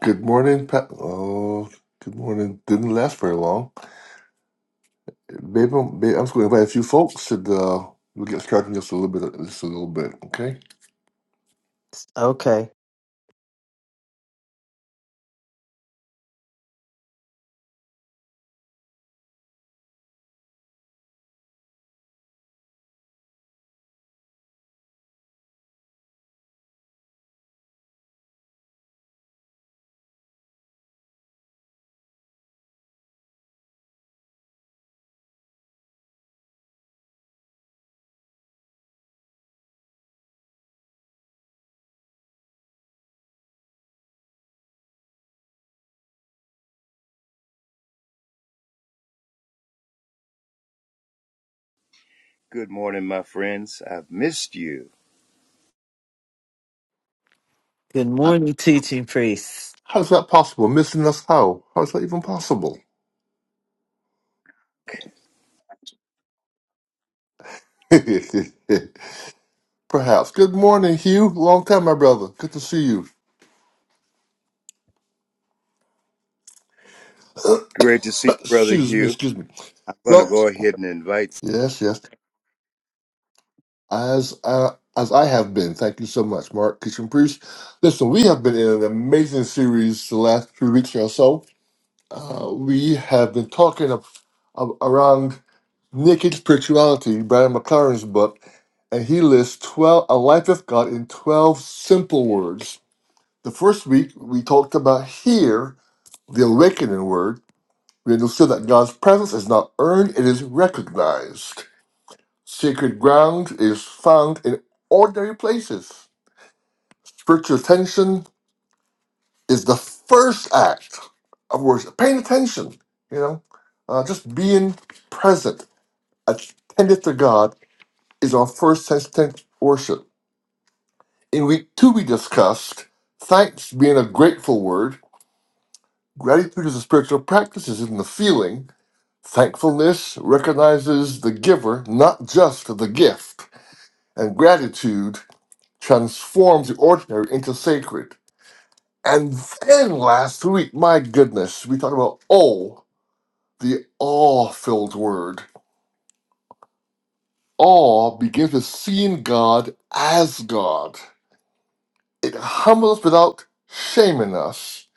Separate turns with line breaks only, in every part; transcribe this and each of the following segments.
Good morning, Pat. Oh, good morning. Didn't last very long. Maybe I'm, maybe I'm just going to invite a few folks, and uh, we'll get started in just a little bit. Just a little bit, okay?
Okay.
Good morning, my friends. I've missed you.
Good
Uh,
morning, teaching priests.
How is that possible? Missing us? How? How is that even possible? Perhaps. Good morning, Hugh. Long time, my brother. Good to see you.
Great to see you, Brother
Excuse me.
Hugh.
Excuse me.
I'm going to
Well,
go ahead and invite.
yes, yes. As uh, as I have been. Thank you so much, Mark Kitchen Priest. Listen, we have been in an amazing series the last three weeks or so Uh, we have been talking of, of around naked spirituality, Brian McLaren's book, and he lists 12, a life with God in 12 simple words. The first week, we talked about here, the awakening word. We understood that God's presence is not earned, it is recognized. Sacred ground is found in ordinary places. Spiritual attention is the first act of worship. Paying attention, you know, uh, just being present. attended to God is our first sense tense worship. In week two, we discussed thanks being a grateful word. Gratitude is a spiritual practice, is in the feeling. Thankfulness recognizes the giver, not just the gift. And gratitude transforms the ordinary into sacred. And then last week, my goodness, we talked about awe, the awe filled word. Awe begins with seeing God as God. It humbles without shaming us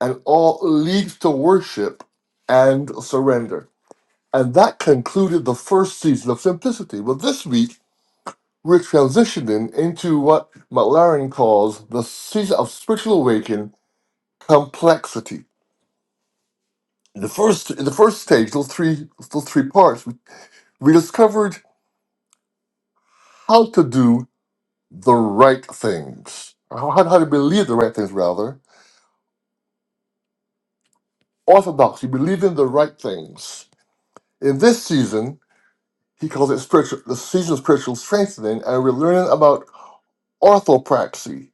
and all leads to worship and surrender. And that concluded the first season of Simplicity. Well, this week, we're transitioning into what McLaren calls the season of spiritual awakening complexity. In the first, in the first stage, those three, those three parts, we discovered how to do the right things, how, how to believe the right things, rather. Orthodoxy, believing the right things In this season, he calls it spiritual, the season of spiritual strengthening, and we're learning about orthopraxy,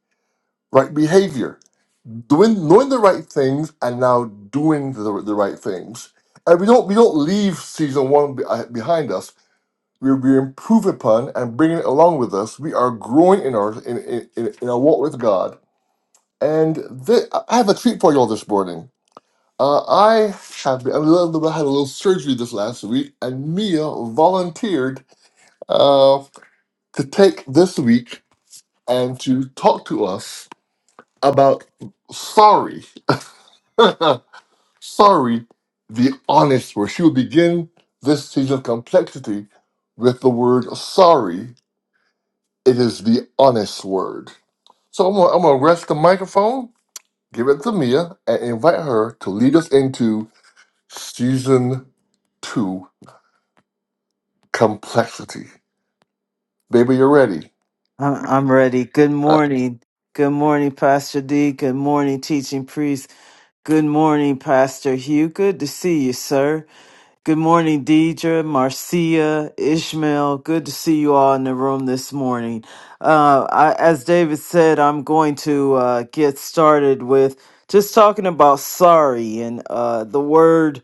right behavior, doing knowing the right things and now doing the, the right things. And we don't we don't leave season one be, uh, behind us. We we improve upon and bringing it along with us. We are growing in our in in, in our walk with God. And thi- I have a treat for y'all this morning. Uh, I have been, I had a little surgery this last week, and Mia volunteered uh, to take this week and to talk to us about Sorry. Sorry, the honest word. She will begin this season of complexity with the word sorry. It is the honest word. So I'm gonna, I'm gonna rest the microphone, give it to Mia, and invite her to lead us into season two complexity. Baby, you're ready.
I'm, I'm ready. Good morning. Good morning, Pastor D. Good morning, teaching priest. Good morning, Pastor Hugh. Good to see you, sir. Good morning, Deidre, Marcia, Ishmael. Good to see you all in the room this morning. Uh, I, as David said, I'm going to uh, get started with just talking about sorry and uh, the word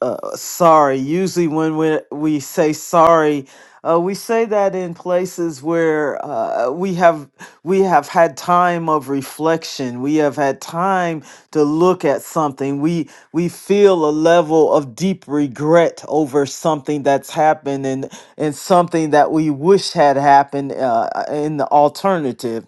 uh, sorry. Usually, when we, we say sorry, Uh, we say that in places where uh, we have we have had time of reflection. We have had time to look at something. We we feel a level of deep regret over something that's happened and and something that we wish had happened uh, in the alternative.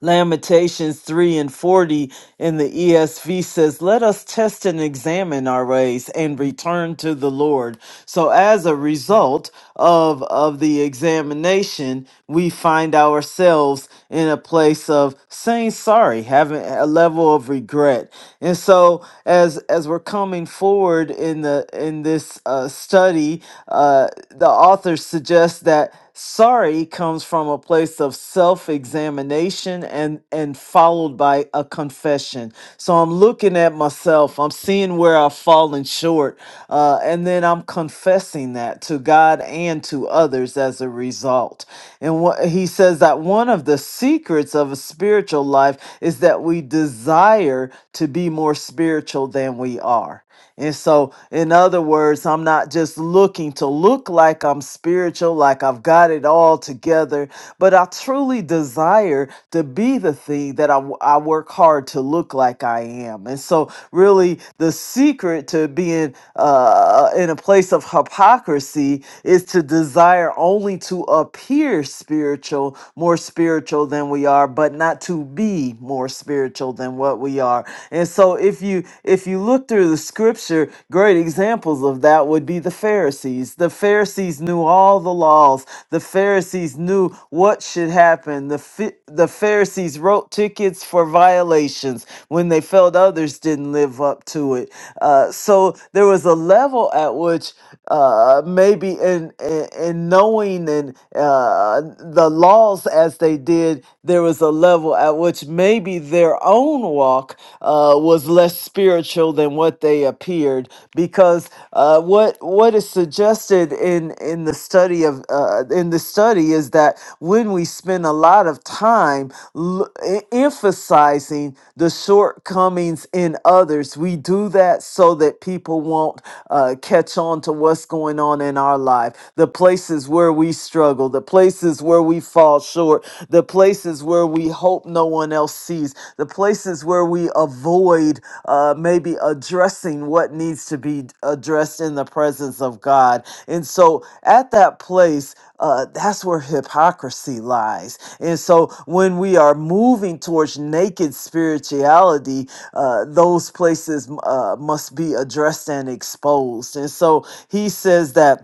Lamentations 3 and 40 in the ESV says, Let us test and examine our ways and return to the Lord. So, as a result of, of the examination, we find ourselves in a place of saying sorry, having a level of regret. And so, as as we're coming forward in the in this uh, study, uh, the author suggests that sorry comes from a place of self-examination and and followed by a confession so i'm looking at myself i'm seeing where i've fallen short uh, and then i'm confessing that to god and to others as a result and what he says that one of the secrets of a spiritual life is that we desire to be more spiritual than we are and so, in other words, I'm not just looking to look like I'm spiritual, like I've got it all together, but I truly desire to be the thing that I, w- I work hard to look like I am. And so, really, the secret to being uh, in a place of hypocrisy is to desire only to appear spiritual, more spiritual than we are, but not to be more spiritual than what we are we are. And so if you if you look through the scripture, great examples of that would be the Pharisees. The Pharisees knew all the laws. The Pharisees knew what should happen. The Phi- the Pharisees wrote tickets for violations when they felt others didn't live up to it. Uh, so there was a level at which uh, maybe in, in in knowing and uh, the laws as they did, there was a the level at which maybe their own walk uh, was less spiritual than what they appeared, because uh, what what is suggested in in the study of uh, in the study is that when we spend a lot of time l- e- emphasizing the shortcomings in others, we do that so that people won't uh, catch on to what's going on in our life, the places where we struggle, the places places where we fall short, the places where we hope no one else sees, the places where we avoid uh, maybe addressing what needs to be addressed in the presence of God. And so at that place, uh, that's where hypocrisy lies. And so when we are moving towards naked spirituality, uh, those places uh, must be addressed and exposed. And so he says that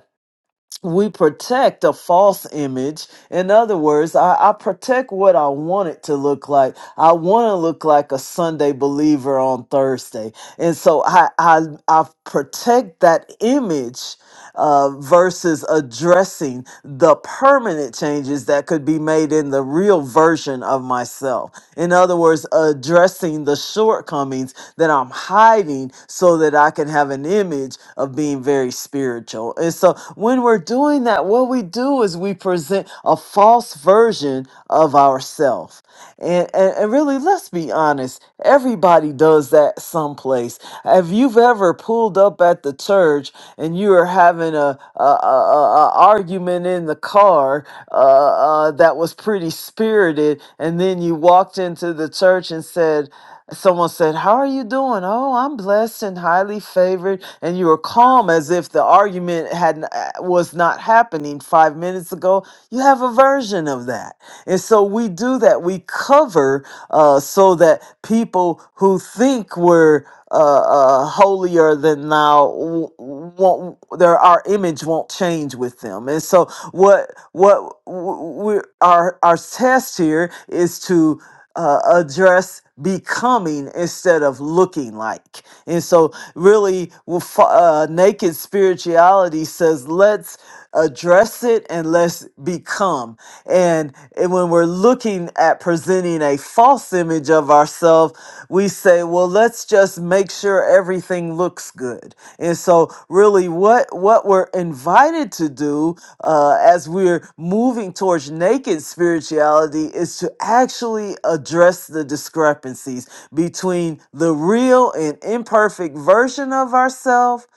we protect a false image. In other words, I, I protect what I want it to look like. I want to look like a Sunday believer on Thursday. And so I, I, I protect that image uh, versus addressing the permanent changes that could be made in the real version of myself myself. In other words, addressing the shortcomings that I'm hiding so that I can have an image of being very spiritual. And so when we're doing that, what we do is we present a false version of ourselves. And, and, and really, let's be honest, everybody does that someplace. Have you ever pulled up at the church and you are having a, a, a, a a argument in the car uh, uh, that was pretty spirited, and then you walked into the church and said, Someone said, How are you doing? Oh, I'm blessed and highly favored. And you were calm as if the argument had n- uh, was not happening five minutes ago. You have a version of that. And so we do that. We cover uh, so that people who think we're uh, uh, holier than thou w- won't their our image won't change with them and so what what we our our test here is to uh, address becoming instead of looking like and so, really, well, fa- uh, naked spirituality says, let's address it and let's become. And, and when we're looking at presenting a false image of ourselves, we say, well, let's just make sure everything looks looks good. And so, really, what what we're invited to do uh, as we're moving towards naked spirituality is to actually address the discrepancies between the real and imperfect version of ourselves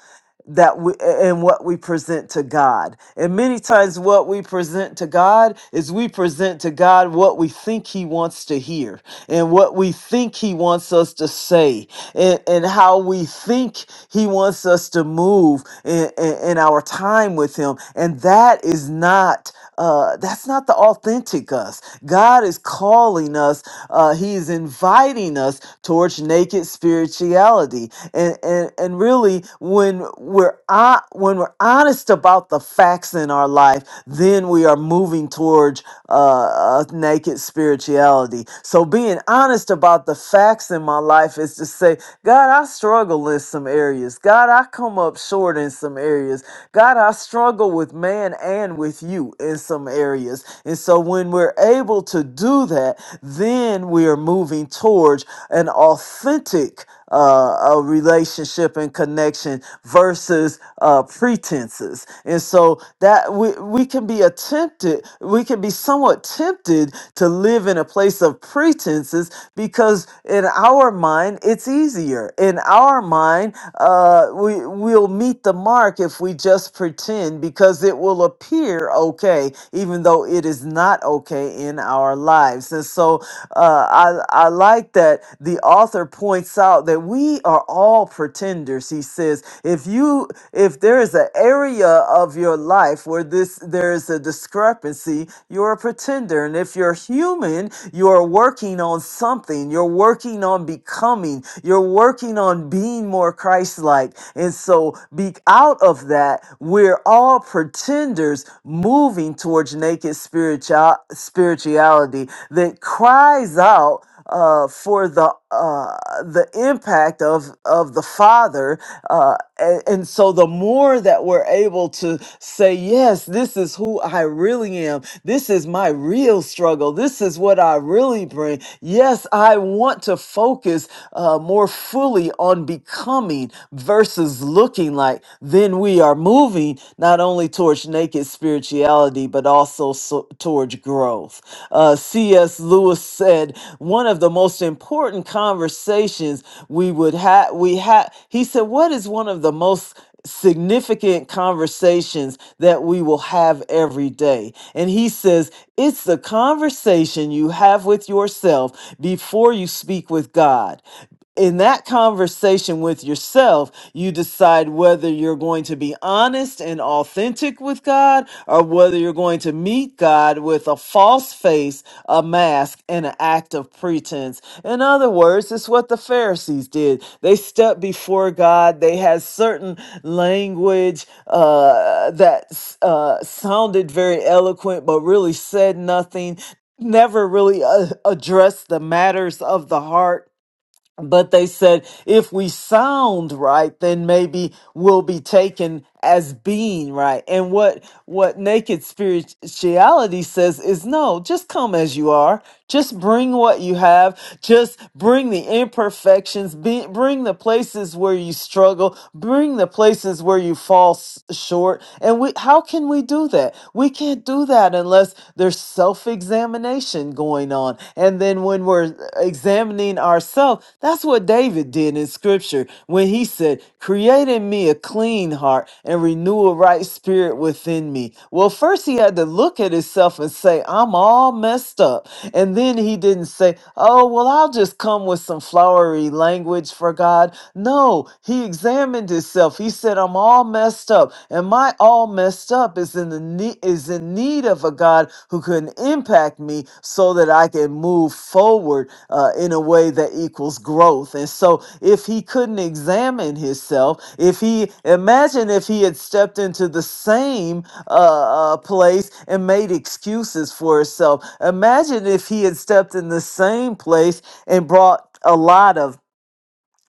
that we and what we present to God. And many times what we present to God is we present to God what we think he wants to hear and what we think he wants us to say and, and how we think he wants us to move in, in, in our time with him. And that is not uh, that's not the authentic us. God is calling us. Uh, he is inviting us towards naked spirituality, and and and really, when we're on, when we're honest about the facts in our life, then we are moving towards uh, uh, naked spirituality. So being honest about the facts in my life is to say, God, I struggle in some areas. God, I come up short in some areas. God, I struggle with with man and with you in some areas. And so when we're able to do that, then we are moving towards an authentic uh, a relationship and connection versus uh, pretenses. And so that we, we can be tempted, we can be somewhat tempted to live in a place of pretenses because in our mind, it's easier. In our mind, uh, we, we'll meet the mark if we just pretend because it will appear okay, even though it is not okay in our lives. And so uh, I, I like that the author points out that we are all pretenders. He says, if you, if there is an area of your life where this, there is a discrepancy, you're a pretender. And if you're human, you are working on something. You're working on becoming. You're working on being more Christ-like. And and so, be out of that, we're all pretenders moving towards naked spiritual spirituality that cries out uh, for the uh, the impact of of the Father, uh, and, and so the more that we're able to say, yes, this is who I really am. This is my real struggle. This is what I really bring. Yes, I want to focus uh, more fully on becoming becoming versus looking like, then we are moving not only towards naked spirituality, but also so, towards growth. Uh, C.S. Lewis said one of the most important conversations we would have, we had, he said, What is one of the most significant conversations that we will have every day. And he says, it's the conversation you have with yourself before you speak with God in that conversation with yourself, you decide whether you're going to be honest and authentic with God or whether you're going to meet God with a false face, a mask, and an act of pretense. In other words, it's what the Pharisees did. They stepped before God, they had certain language uh, that uh, sounded very eloquent but really said nothing, never really uh, addressed the matters of the heart but they said, if we sound right, then maybe we'll be taken as being right. And what what naked spirituality says is no, just come as you are. Just bring what you have. Just bring the imperfections. Be, bring the places where you struggle. Bring the places where you fall s- short. And we, how can we do that? We can't do that unless there's self-examination going on. And then when we're examining being ourselves. That's what David did in scripture when he said, Create in me a clean heart and renew a right spirit within me. Well, first he had to look at himself and say, I'm all messed up. And then he didn't say, Oh, well, I'll just come with some flowery language for God. No, he examined himself. He said, I'm all messed up. And my all messed up is in the need is in need of a God who can impact me so that I can move forward uh, in a way that equals growth. And so, if he couldn't examine himself, if he imagine if he had stepped into the same uh, uh, place and made excuses for himself, imagine if he had stepped in the same place and brought a lot of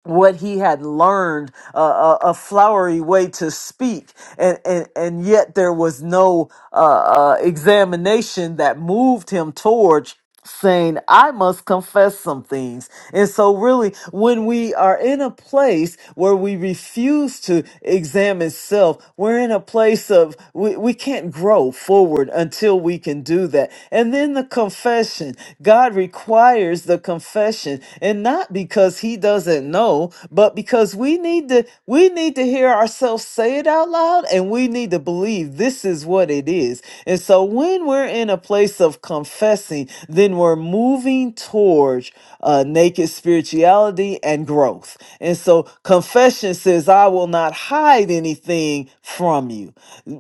what he had learned uh, a, a flowery way to speak and, and and yet there was no uh, uh, examination that moved him towards saying i must confess some things and so really when we are in a place where we refuse to examine self we're in a place of we, we can't grow forward until we can do that and then the confession god requires the confession and not because he doesn't doesn't know, but because we need to we need to hear ourselves say it out loud and we need to believe this is what it is. And so when we're in a place of confessing, then we're moving towards uh, naked spirituality and growth. And so confession says, I will not hide anything from you.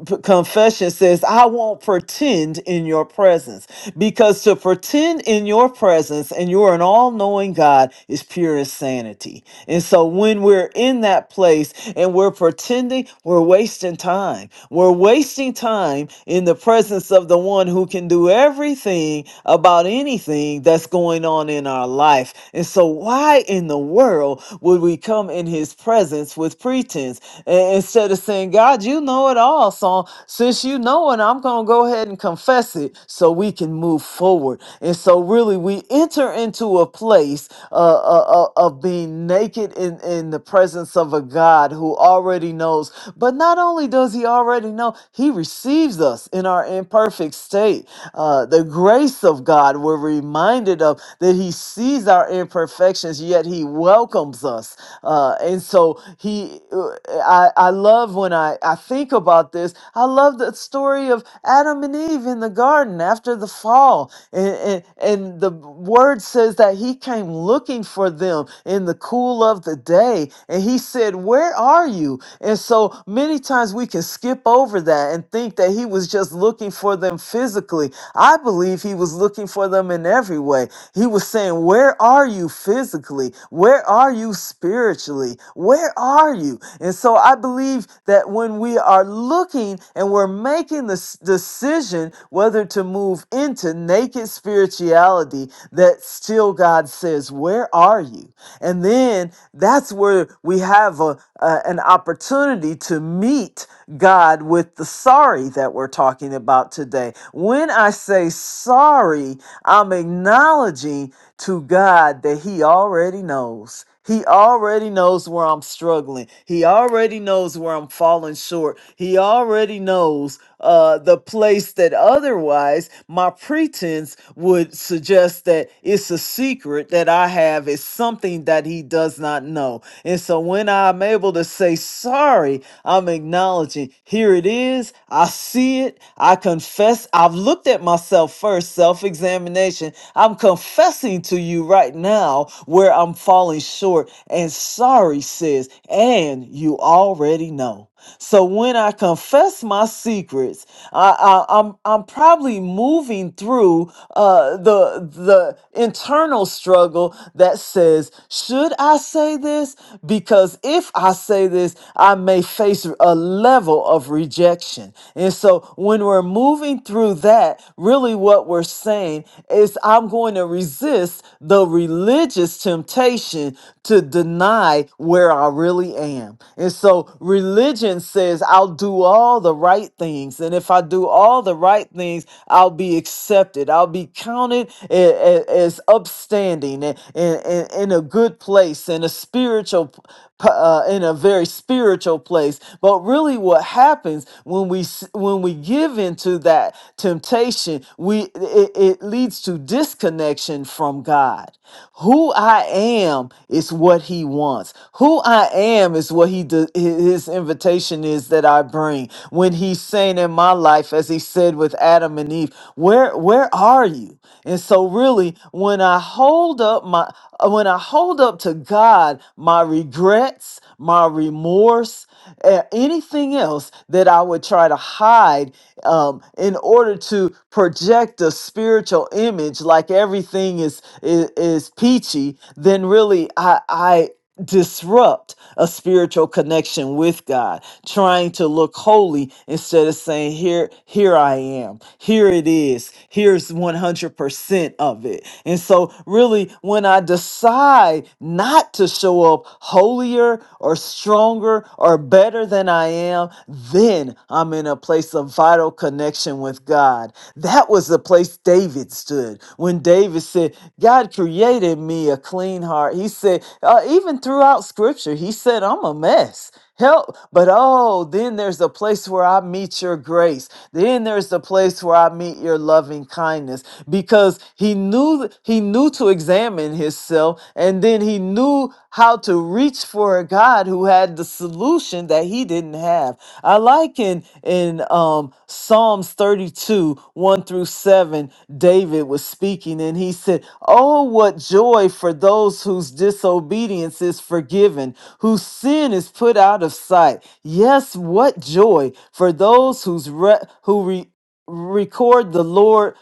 P- Confession says, I won't pretend in your presence. Because to pretend in your presence and you're an all knowing God is pure insanity, And so when we're in that place and we're pretending, we're wasting time. We're wasting time in the presence of the one who can do everything about anything that's going on in our life. And so why in the world would we come in his presence with pretense A- instead of saying, God, you know it all. So since you know it, I'm going to go ahead and confess it so we can move forward. And so really we enter into a place uh, uh, uh, of being naked in, in the presence of a God who already knows. But not only does He already know, He receives us in our imperfect state. Uh, the grace of God, we're reminded of that He sees our imperfections, yet He welcomes us. Uh, and so He, uh, I, I love when I, I think about this. I love the story of Adam and Eve in the garden after the fall, and and, and the word says that He he came looking for them in the cool of the day and he said, Where are you? And so many times we can skip over that and think that he was just looking for them physically. I believe he was looking for them in every way. He was saying, Where are you physically? Where are you spiritually? Where are you? And so I believe that when we are looking and we're making this decision whether to move into naked spirituality, that still God says, Where are you? And then that's where we have a, a- an opportunity to meet God with the sorry that we're talking about today. When I say sorry, I'm acknowledging to God that He already knows. He already knows where I'm struggling. He already knows where I'm falling short. He already knows uh, the place that otherwise my pretense would suggest that it's a secret that I have, is something that he does not know. And so when I'm able to say sorry, I'm acknowledging here it is, I see it, I confess, I've looked at myself first, self examination. I'm confessing to you right now where I'm falling short, and sorry says, and you already know. So when I confess my secrets, I, I, am I'm I'm probably moving through uh, the the internal struggle that says, should I say this? Because if I say this, I may face a level of rejection. And so when we're moving through that, really what we're saying is, I'm going to resist the religious temptation religion to deny where I really am. And so religion says I'll do all the right things. And if I do all the right things, I'll be accepted. I'll be counted a- a- as upstanding and, and, and in a good place, in a spiritual p- p- uh, in a very spiritual place. But really, what happens when we s- when we give into that temptation, we it, it it leads to disconnection from God. Who I am is what He wants. Who I am is what He de- His invitation is that I bring. When He's saying in my life, as He said with Adam and Eve, "Where where are you?" And so, really, when I hold up my uh, When I hold up to God my regrets, my remorse, uh, anything else that I would try to hide um, in order to project a spiritual image like everything is is, is peachy, then really I, I, disrupt a spiritual connection with God, trying to look holy instead of saying, Here, here I am, here it is, here's 100% of it. And so, really, when I decide not to show up holier or stronger or better than I am, then I'm in a place of vital connection with with God. That was the place David stood when David said, God created me a clean heart. He said, uh, even throughout scripture, he said, I'm a mess. Help. But oh, then there's a place where I meet your grace. Then there's the place where I meet your loving kindness because he knew he knew to examine himself and then he knew how to reach for a God who had the solution that he didn't have. I like in in um Psalms 32, 1 through 7, David was speaking and he said, Oh, what joy for those whose disobedience is forgiven, whose sin is put out of sight. Yes, what joy for those whose re- who re- record the Lord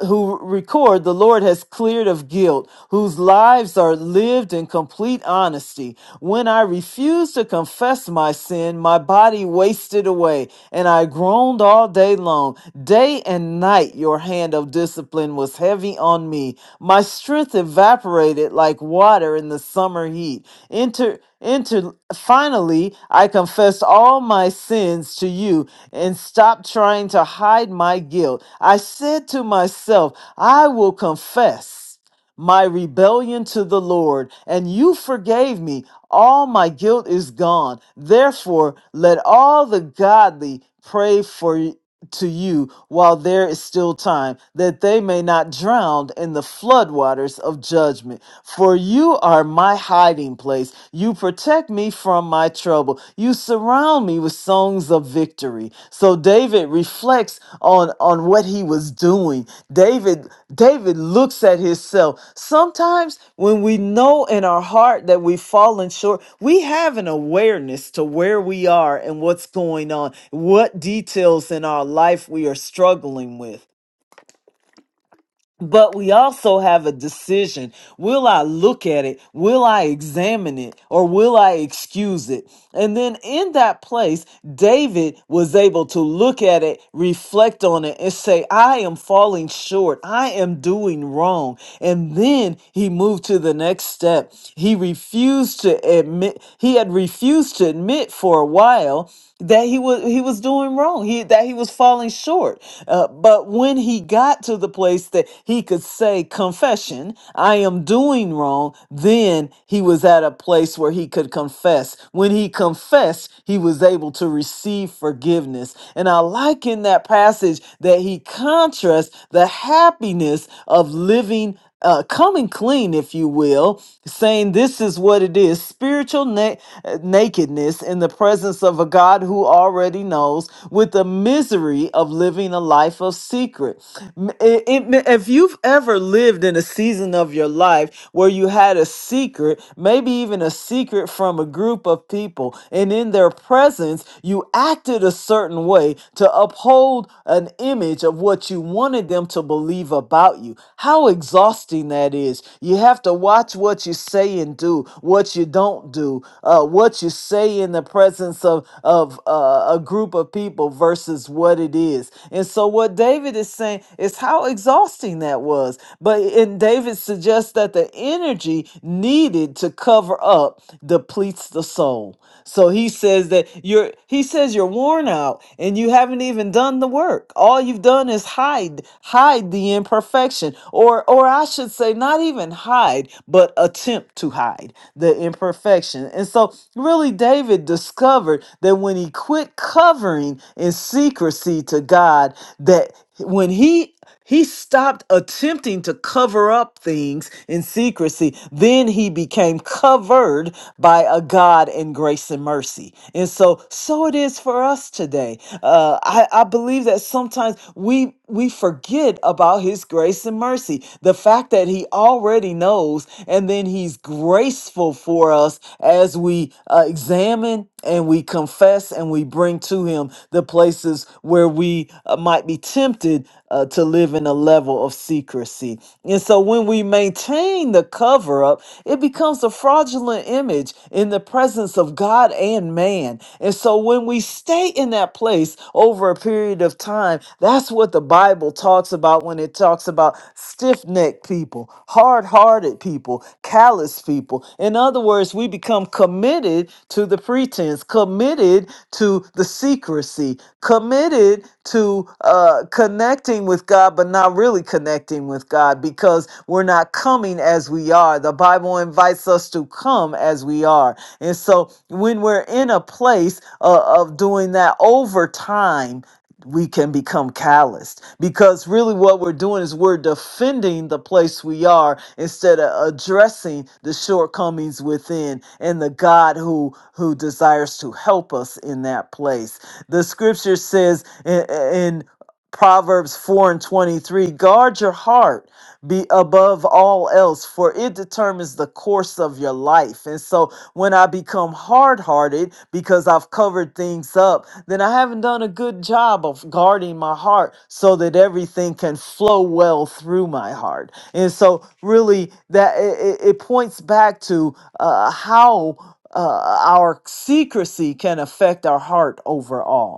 who record the Lord has cleared of guilt, whose lives are lived in complete honesty. When I refused to confess my sin, my body wasted away, and I groaned all day long. Day and night your hand of discipline was heavy on me. My strength evaporated like water in the summer heat. Enter, enter, finally, I confessed all my sins to you and stopped trying to hide my guilt. I said to myself, I will confess my rebellion to the Lord, and you forgave me. All my guilt is gone. Therefore, let all the godly pray for to you while there is still time, that they may not drown in the floodwaters of judgment. For you are my hiding place. You protect me from my trouble. You surround me with songs of victory. So David reflects on on on what he was doing. David David looks at himself. Sometimes when we know in our heart that we've fallen short, we have an awareness to where we are and what's going on, what details in our life we are struggling with. But we also have a decision. Will I look at it? Will I examine it? Or will I excuse it? And then in that place, David was able to look at it, reflect on it, and say, I am falling short. I am doing wrong. And then he moved to the next step. He refused to admit, he had refused to admit for a while that he was he was doing wrong he that he was falling short Uh, but when he got to the place place that he could say, Confession, I am doing wrong. Then he was at a place where he could confess. When he confessed, he was able to receive forgiveness. And I like in that passage that he contrasts the happiness of living uh, coming clean, if you will, saying this is what it is spiritual na- uh, nakedness in the presence of a God who already knows, with the misery of living a life of secret. M- it- it- if you've ever lived in a season of your life where you had a secret, maybe even a secret from a group of people, and in their presence, you acted a certain way to uphold an image of what what you wanted them to believe about you. How exhausting that is. You have to watch what you say and do, what you don't do, uh, what you say in the presence of, of uh, a group of people versus what it is. And so, what David is saying is how exhausting that was. But, and David suggests that the energy needed to cover up depletes the soul. So he says that you're, he says you're worn out out and you haven't even done the work. All you've done is hide, hide the imperfection, or or I should say not even hide, but attempt to hide the imperfection. And so really David discovered that when he quit covering in secrecy to God, that when he he stopped attempting to cover up things in secrecy. Then he became covered by a God in grace and mercy. And so, so it is for us today. Uh, I, I believe that sometimes we we forget about His grace and mercy. The fact that He already knows, and then He's graceful for us as we uh, examine and we confess and we bring to Him the places where we uh, might be tempted uh, to live in a level of secrecy. And so when we maintain the cover up, it becomes a fraudulent image in the presence of God and man. And so when we stay in that place over a period of time, that's what the Bible talks about when it talks about stiff necked people, hard hearted people, callous people. In other words, we become committed to the pretense, committed to the secrecy, committed to uh, connecting with God, but not really connecting with God because we're not coming as we are. The Bible invites us to come as we are. And so when we're in a place uh, of doing that over time, we can become calloused because really what we're doing is we're defending the place we are instead of addressing the shortcomings within and the God who who desires to help us in that place. The scripture says in, Proverbs 4 and 23 Guard your heart be above all else, for it determines the course of your life. And so when I become hard hearted because I've covered things up, then I haven't done a good job of guarding my heart so that everything can flow well through my heart. And so, really, that it, it it points back to uh, how uh, our secrecy can affect our heart overall.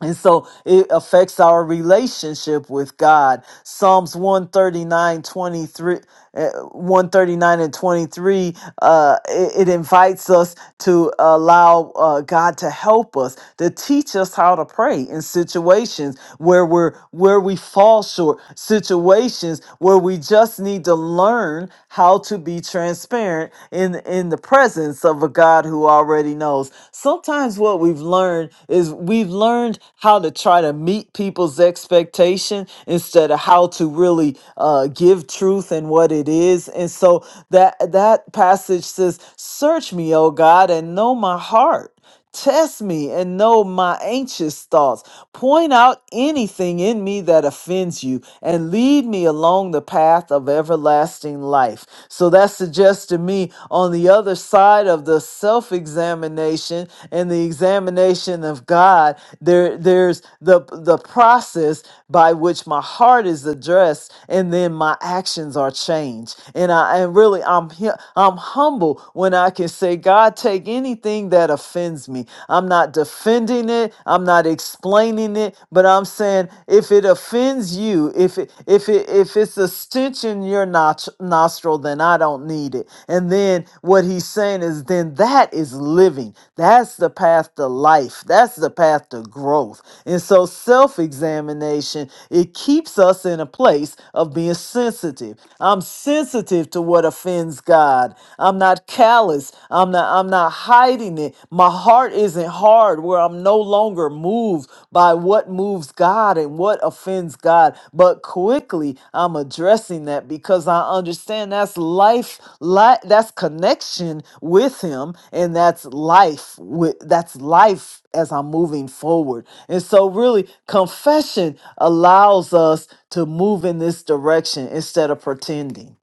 And so it affects our relationship with God. Psalms one thirty nine twenty three uh, 139 and 23 uh, it, it invites us to allow uh, god to help us to teach us how to pray in situations where we're where we fall short situations where we just need to learn how to be transparent in in the presence of a god who already knows sometimes what we've learned is we've learned how to try to meet people's expectation instead of how to really uh, give truth and what it what it is. And so that that passage says, "Search me, O God, and know my heart. Test me and know my anxious thoughts. Point out anything in me that offends you and lead me along the path of everlasting life." So that suggests to me on the other side of the self-examination and the examination of God, there there's the the process by which my heart is addressed and then my actions are changed change. And I and really I'm hu- I'm humble when I can say, God, take anything that offends me. I'm not defending it. I'm not explaining it, but I'm saying if it offends you, if it if it if it's a stench in your notch, nostril, then I don't need it. And then what he's saying is then that is living. That's the path to life. That's the path to growth. And so self-examination, it keeps us in a place of being sensitive. I'm sensitive to what offends God. I'm not callous. I'm not I'm not hiding it. My heart isn't hard where I'm no longer moved by what moves God and what offends God. But quickly I'm addressing that because I understand that's life, li- that's connection with him and that's life with that's life as I'm moving forward. And so, really, confession allows us to move in this direction instead of pretending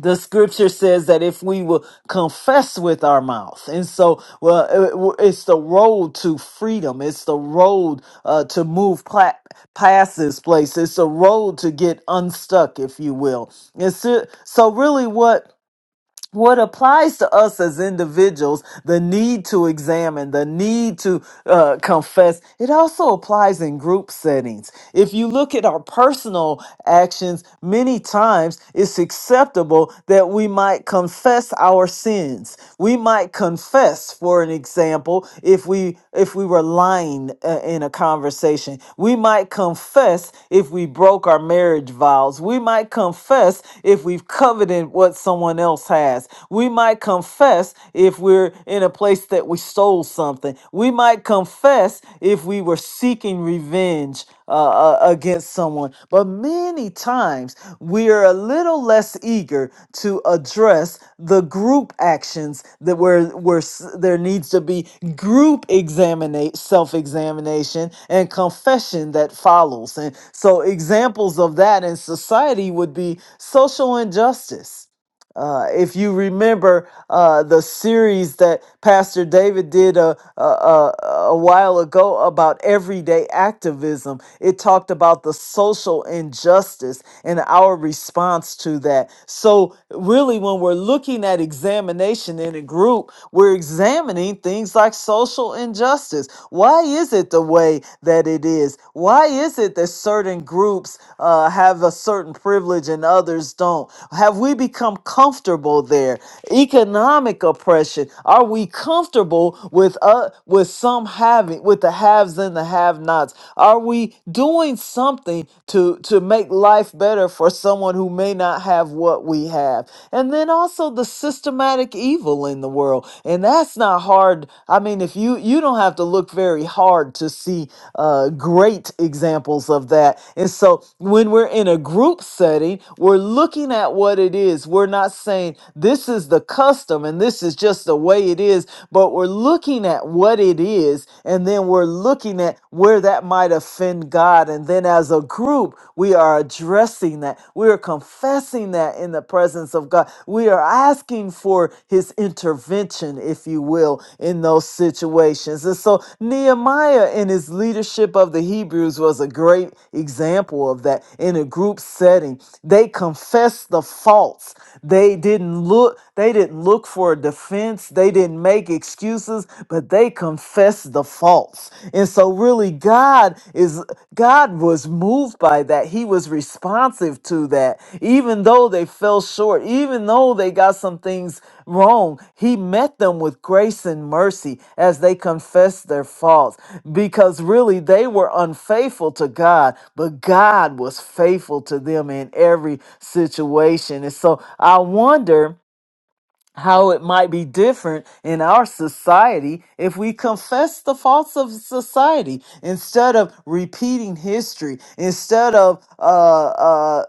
the scripture says that if we will confess with our mouth and so well it- it's the road to freedom it's the road uh, to move pla- past this place it's the road to get unstuck if you will and so, so really what what applies to us as individuals, the need to examine, the need to uh, confess, it also applies in group settings. If you look at our personal actions, many times it's acceptable that we might confess our sins. We might confess, for an example, if we if we were lying uh, in a conversation. We might confess if we broke our marriage vows. We might confess if we've coveted what someone someone else has. We might confess if we're in a place that we stole something. We might confess if we were seeking revenge uh, uh, against someone. But many times we are a little less eager to address the group actions that where where s- there needs to be group examinate self-examination and confession that follows. And so examples of that in society would be social injustice uh, if you remember uh, the series that Pastor David did a, a, a, a while ago about everyday activism, it talked about the social injustice and our response to that. So, really, when we're looking at examination in a group, we're examining things like social injustice. Why is it the way that it is? Why is it that certain groups uh, have a certain privilege and others don't? Have we become comfortable there? Economic oppression. Are we comfortable with uh, with some having with the haves and the have-nots? Are we doing something to to make life better for someone who may not have what we have? And then also the systematic evil in the world, and and that's not hard i mean if you you don't have to look very hard to see uh, great examples of that and so when we're in a group setting we're looking at what it is we're not saying this is the custom and this is just the way it is but we're looking at what it is and then we're looking at where that might offend god and then as a group we are addressing that we are confessing that in the presence of God. We are asking for his intervention, if you will, in those situations. And so Nehemiah, in his leadership of the Hebrews, was a great example of that in a group setting. They confessed the faults. They didn't look, they didn't look for a defense. They didn't make excuses, but they confessed the faults faults. And so really God is God was moved by that. He was responsive to that. Even though they fell short, even though they got some things wrong, he met them with grace and mercy as they confessed their faults because really they were unfaithful to God, but God was faithful to them in every situation. And so I wonder how it might be different in our society if we confess the faults of society instead of repeating history, instead of uh, uh,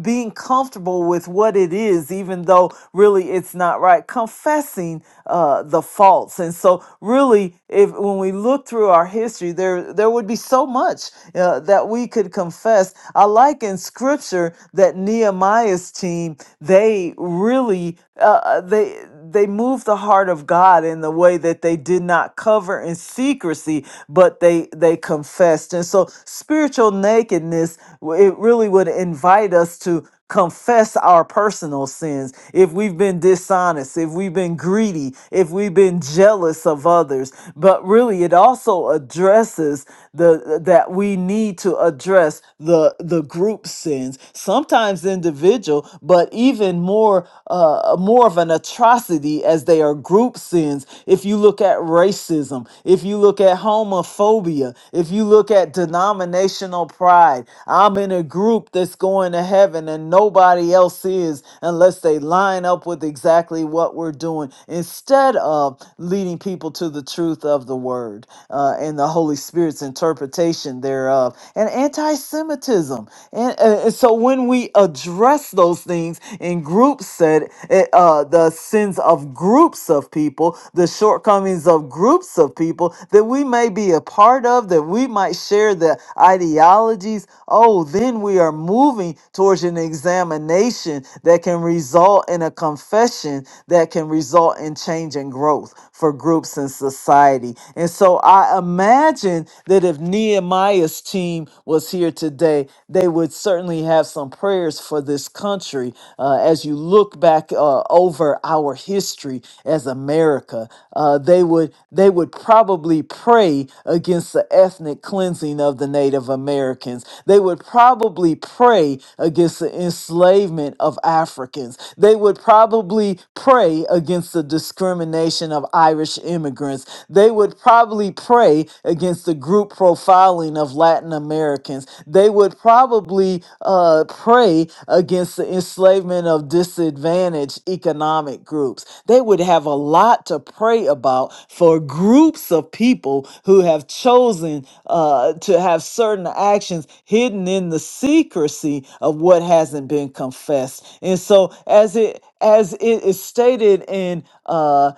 being comfortable with what it is, even though really it's not right, confessing uh, the faults. And so, really, if when we look through our history, there there would be so much uh, that we could confess. I like in scripture that Nehemiah's team they really really uh, uh, they they moved the heart of God in the way that they did not cover in secrecy, but they they confessed. And so spiritual nakedness w- it really would invite us to confess our personal sins if we've been dishonest if we've been greedy if we've been jealous of others but really it also addresses the that we need to address the the group sins sometimes individual but even more uh, more of an atrocity as they are group sins. If you look at racism, if you look at homophobia, if you look at denominational pride, I'm in a group that's going to heaven and nobody else is unless they line up with exactly what we're doing instead of leading people to the truth of the word uh, and the Holy Spirit's interpretation thereof and anti-Semitism. And, and so when we we address those things in group set, eh, uh, the sins of groups of people, the shortcomings of groups of people that we may be a part of, that we might share the ideologies. Oh, then we are moving towards an examination that can result in a confession that can result in change and growth for groups and society. And so I imagine that if Nehemiah's team was here today, they would would certainly have some prayers for this country uh, as you look back uh, over our history as America. Uh, they would they would probably pray against the ethnic cleansing of the Native Americans. They would probably pray against the enslavement of Africans. They would probably pray against the discrimination of Irish immigrants. They would probably pray against the group profiling of Latin Americans. Americans, they would probably uh, pray against the enslavement of disadvantaged economic groups. They would have a lot to pray about for groups of people who have chosen uh, to have certain actions hidden in the secrecy of what hasn't been confessed. And so, as it as it is stated in uh,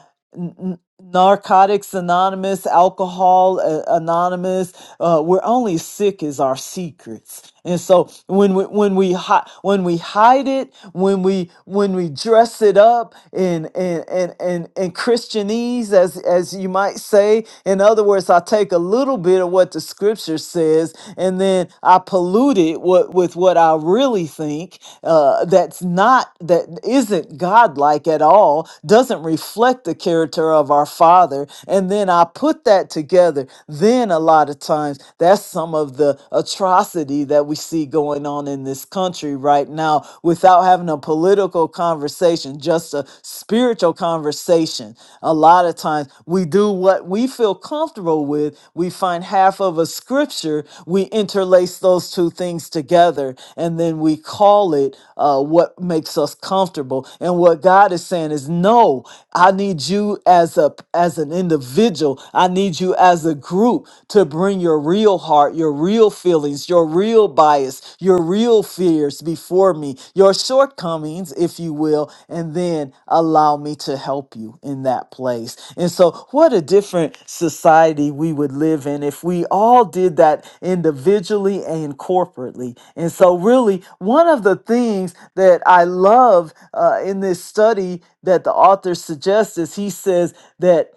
Narcotics Anonymous, Alcohol uh, Anonymous. Uh, we're only sick as our secrets, and so when we when we hi- when we hide it, when we when we dress it up and and and and, and Christianese, as as you might say. In other words, I take a little bit of what the Scripture says, and then I pollute it with, with what I really think uh, that's not, that isn't godlike at all, doesn't reflect the character of our Father. And then I put that together. Then a lot of times, that's some of the atrocity that we see going on in this country right now without having a political conversation, just a spiritual conversation. A lot of times, times we do what we feel comfortable with. We find half of a scripture, we interlace those two things together, and then we call it uh, what makes us comfortable. And what God is saying is, no, I need you as a as an individual. I need you as a group to bring your real heart, your real feelings, your real bias, your real real fears before me, your shortcomings, if you will, and then allow me to help you in that place. And so, what a different society we would live in if we all did that individually and corporately. And so, really, one of the things that I love uh, in this study that the author suggests is he says that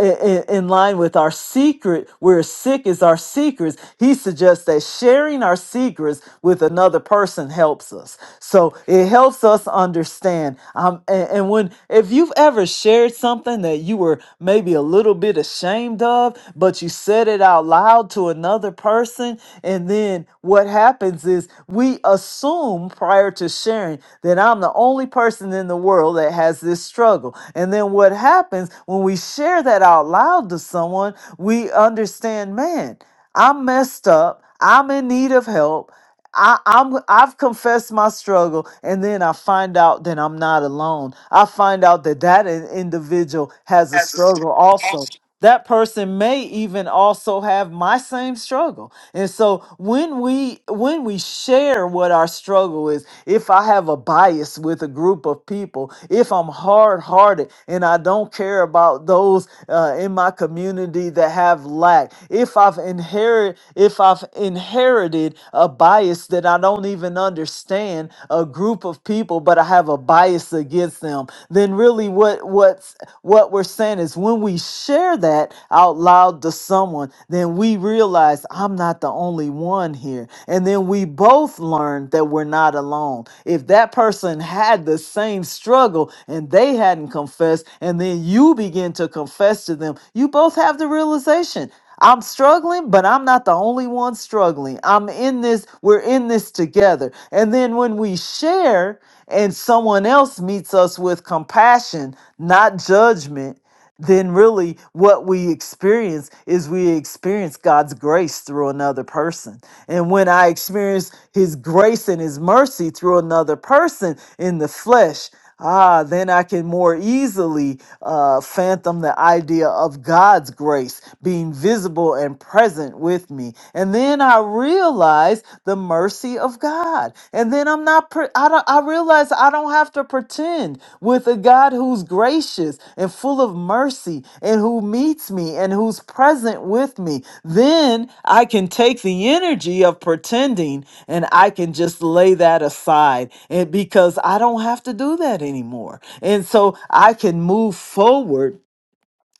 in, in line with our secret, where sick is our secrets, he suggests that sharing our secrets with another person helps us. So it helps us understand. Um, and, and when if you've ever shared something that you were maybe a little bit ashamed of, but you said it out loud to another person. And then what happens is we assume prior to sharing that I'm the only person in the world that has this struggle. And then what happens when we share that out loud to someone, we understand, man, I'm messed up. I'm in need of help. I, I'm I've confessed my struggle, and then I find out that I'm not alone. I find out that that in- individual has a struggle also that person may even also have my same struggle and so when we when we share what our struggle is if i have a bias with a group of people if i'm hard-hearted and i don't care about those uh, in my community that have lack if i've inherit if i've inherited a bias that i don't even understand a group of people but i have a bias against them them, then really what what's what we're saying is when we share that out loud to someone, then we realize I'm not the only one here. And then we both learn that we're not alone. If that person had the same struggle and they hadn't confessed, and then you begin to confess to them, you both have the realization. I'm struggling, but I'm not the only one struggling. I'm in this, we're in this together. And then when we share and someone else meets us with compassion, not judgment, then really what we experience is we experience God's grace through another person. And when I experience his grace and his mercy through another person in the flesh, Ah, then I can more easily uh, fathom the idea of God's grace being visible and present with me. And then I realize the mercy of God. And then I'm not, pre- I, don't, I realize I don't have to pretend with a God who's who's gracious and full of mercy, and who meets me and who's present with me. Then I can take the energy of pretending and I can just lay that aside and because I don't have to do that anymore. And so I can move forward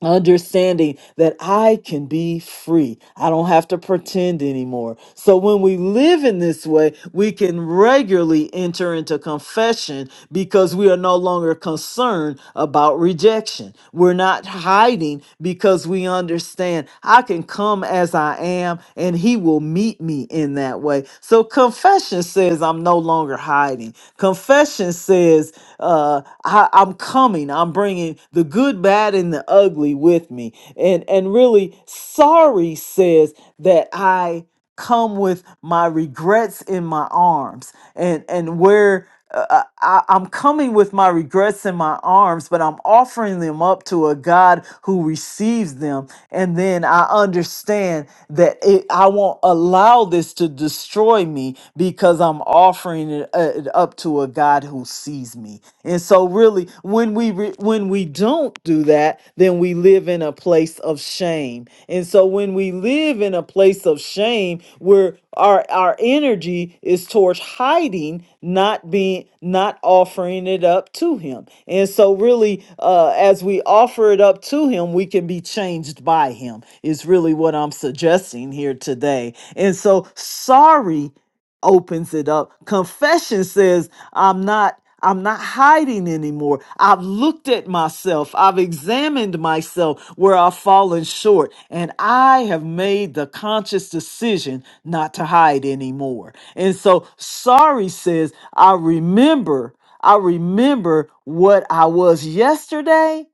understanding that I can be free. I don't have to pretend anymore. So when we live in this way, we can regularly enter into confession because we are no longer concerned about rejection. We're not hiding because we understand. I can come as I am and he will meet me in that way. So confession says I'm no longer hiding. Confession says uh, I, I'm coming. I'm bringing the good, bad, and the ugly with me. And and really, sorry says that I come with my regrets in my arms and and where uh, uh, I, I'm coming with my regrets in my arms, but I'm offering them up to a God who receives them. And then I understand that it, I won't allow this to destroy me because I'm offering it, uh, it up to a God who sees me. And so, really, when we re- when we we don't do that, then we live in a place of shame. And so when we live in a place of shame, where our our energy is towards hiding, not being not offering it up to him. And so really uh as we offer it up to him, we can be changed by him is really what I'm suggesting here today. And so sorry opens it up. Confession says, I'm not I'm not hiding anymore. I've looked at myself. I've examined myself where I've fallen short. And I have made the conscious decision not to hide anymore. And so sorry says, I remember, I remember what I was yesterday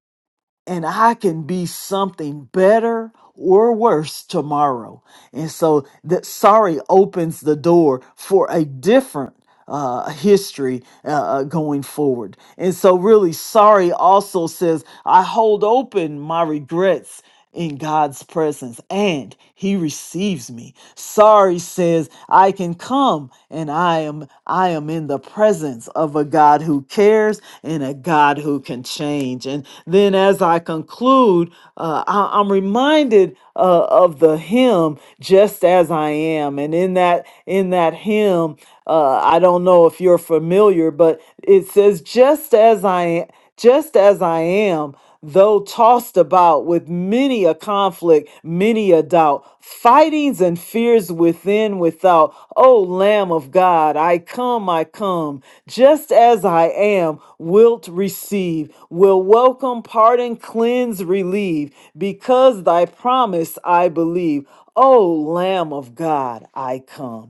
and I can be something better or worse tomorrow. And so that sorry opens the door for a different uh, history uh, uh, going forward. And so, really, sorry also says, I hold open my regrets in God's presence and he receives me. Sorry says I can come and I am I am in the presence of a God who cares and a God who can change. And then as I conclude, uh, I, am reminded uh, of the hymn just as I am. And in that in that hymn, uh, I don't know if you're familiar, but it says just as I just as I am though tossed about with many a conflict, many a doubt, fightings and fears within, without. O Lamb of God, I come, I come, just as I am, wilt receive, will welcome, pardon, cleanse, relieve, because thy promise I believe. O Lamb of God, I come.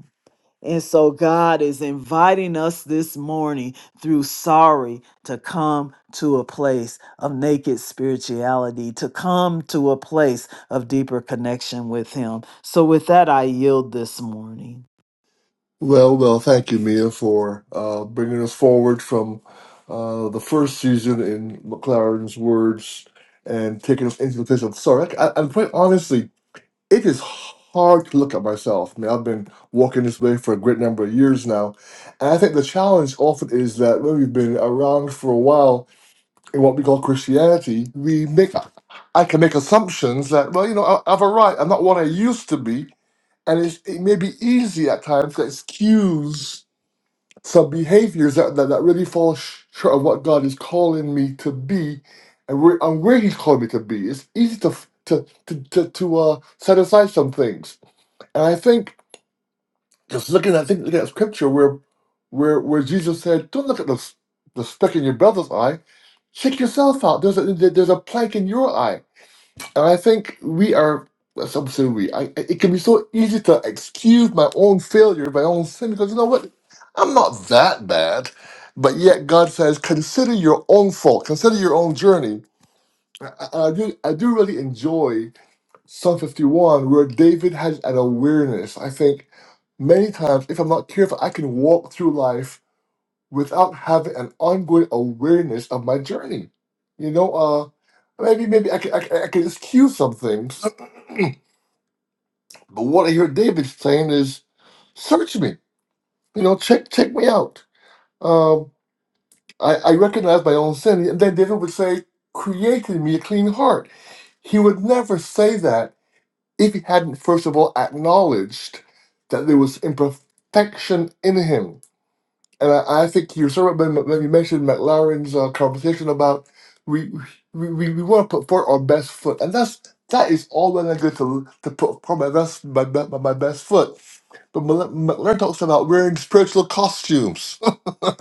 And so God is inviting us this morning through sorry to come to a place of naked spirituality, to come to a place of deeper connection with Him. So, with that, I yield this morning.
Well, well, thank you, Mia, for uh, bringing us forward from uh, the first season in McLaren's words and taking us into the place of sorry. I, I'm quite honestly, it is hard to look at myself. I mean, I've been walking this way for a great number of years now, and I think the challenge often is that when we've been around for a while in what we call Christianity, we make I can make assumptions that well, you know, I, I've arrived. I'm not what I used to be, and it's, it may be easy at times to excuse some behaviors that, that, that really fall sh- short of what God is calling me to be and where, and where He's called me to be. It's easy to f- to to to, to uh, set aside some things. And I think just looking at think looking at scripture where where where Jesus said, Don't look at the s- the speck in your brother's eye, check yourself out. There's a there- there's a plank in your eye. And I think we are, well, some say we, I, I- it can be so easy to excuse my own failure, my own sin, because you know what? I'm not that bad. But yet God says, consider your own fault, consider your own journey. I, I, I do, I do really enjoy Psalm 51, where David has an awareness. I think many times, if I'm not careful, I can walk through life without having an ongoing awareness of my journey. You know, uh, maybe maybe I can, I, can- I can excuse some things But what I hear David saying is, search me, you know, check check me out. Um, I, I recognize my own sin. And then David would say, create in me a clean heart. He would never say that if he hadn't, first of all, acknowledged that there was imperfection in him and I, I think you sort of when, when you mentioned McLaren's uh, conversation about we we, we, we want to put forward our best foot, and that's that is all well and good to to put forward my best my, be- my, my best foot. But Mc- McLaren talks about wearing spiritual costumes. you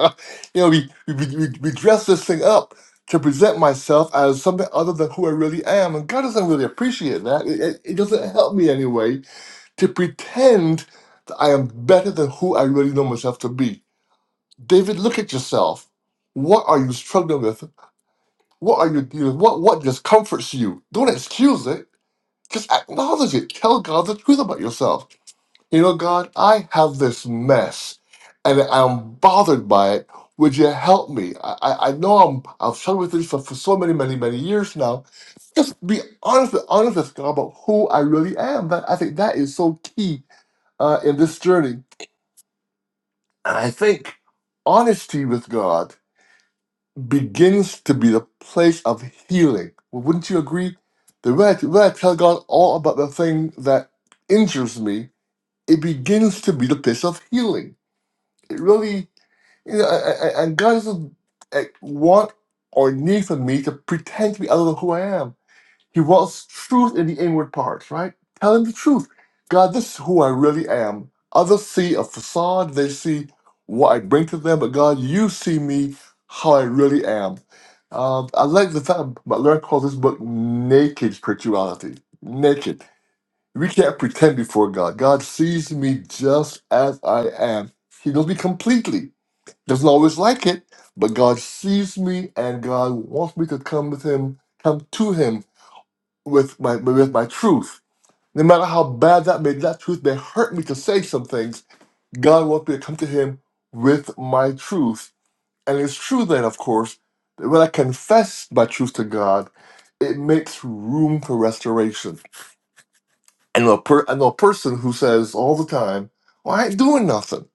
know, we, we we we dress this thing up to present myself as something other than who I really am, and God doesn't really appreciate that. It, it, it doesn't help me anyway to pretend that I am better than who I really know myself to be. David, look at yourself. What are you struggling with? What are you dealing with? What, what discomforts you? Don't excuse it. Just acknowledge it. Tell God the truth about yourself. You know, God, I have this mess and I'm bothered by it. Would you help me? I, I, I know I'm, I've struggled with this for, for so many, many, many years now. Just be honest with, honest with God about who I really am. That, I think that is so key uh, in this journey. And I think honesty with God begins to be the place of healing. Well, Wouldn't you agree? The way I, when I tell God all about the thing that injures me, it begins to be the place of healing. It really, you know, I, I, and God doesn't eh, want or need for me to pretend to be other than who I am he wrought truth in the inward parts, right? Tell him the truth. God, this is who I really am. Others see a facade, they see what I bring to them, but God, you see me how I really am. Um, I like the fact Butler calls this book naked spirituality. Naked. We can't pretend before God. God sees me just as I am. He knows me completely. Doesn't always like it, but God sees me and God wants me to come with Him, come to Him with my with my truth. No matter how bad that may that truth may hurt me to say some things, God wants me to come to Him with my truth. And it's true then, of course, that when I confess my truth to God, it makes room for restoration. And a per, and a person who says all the time, "Well, I ain't doing nothing,"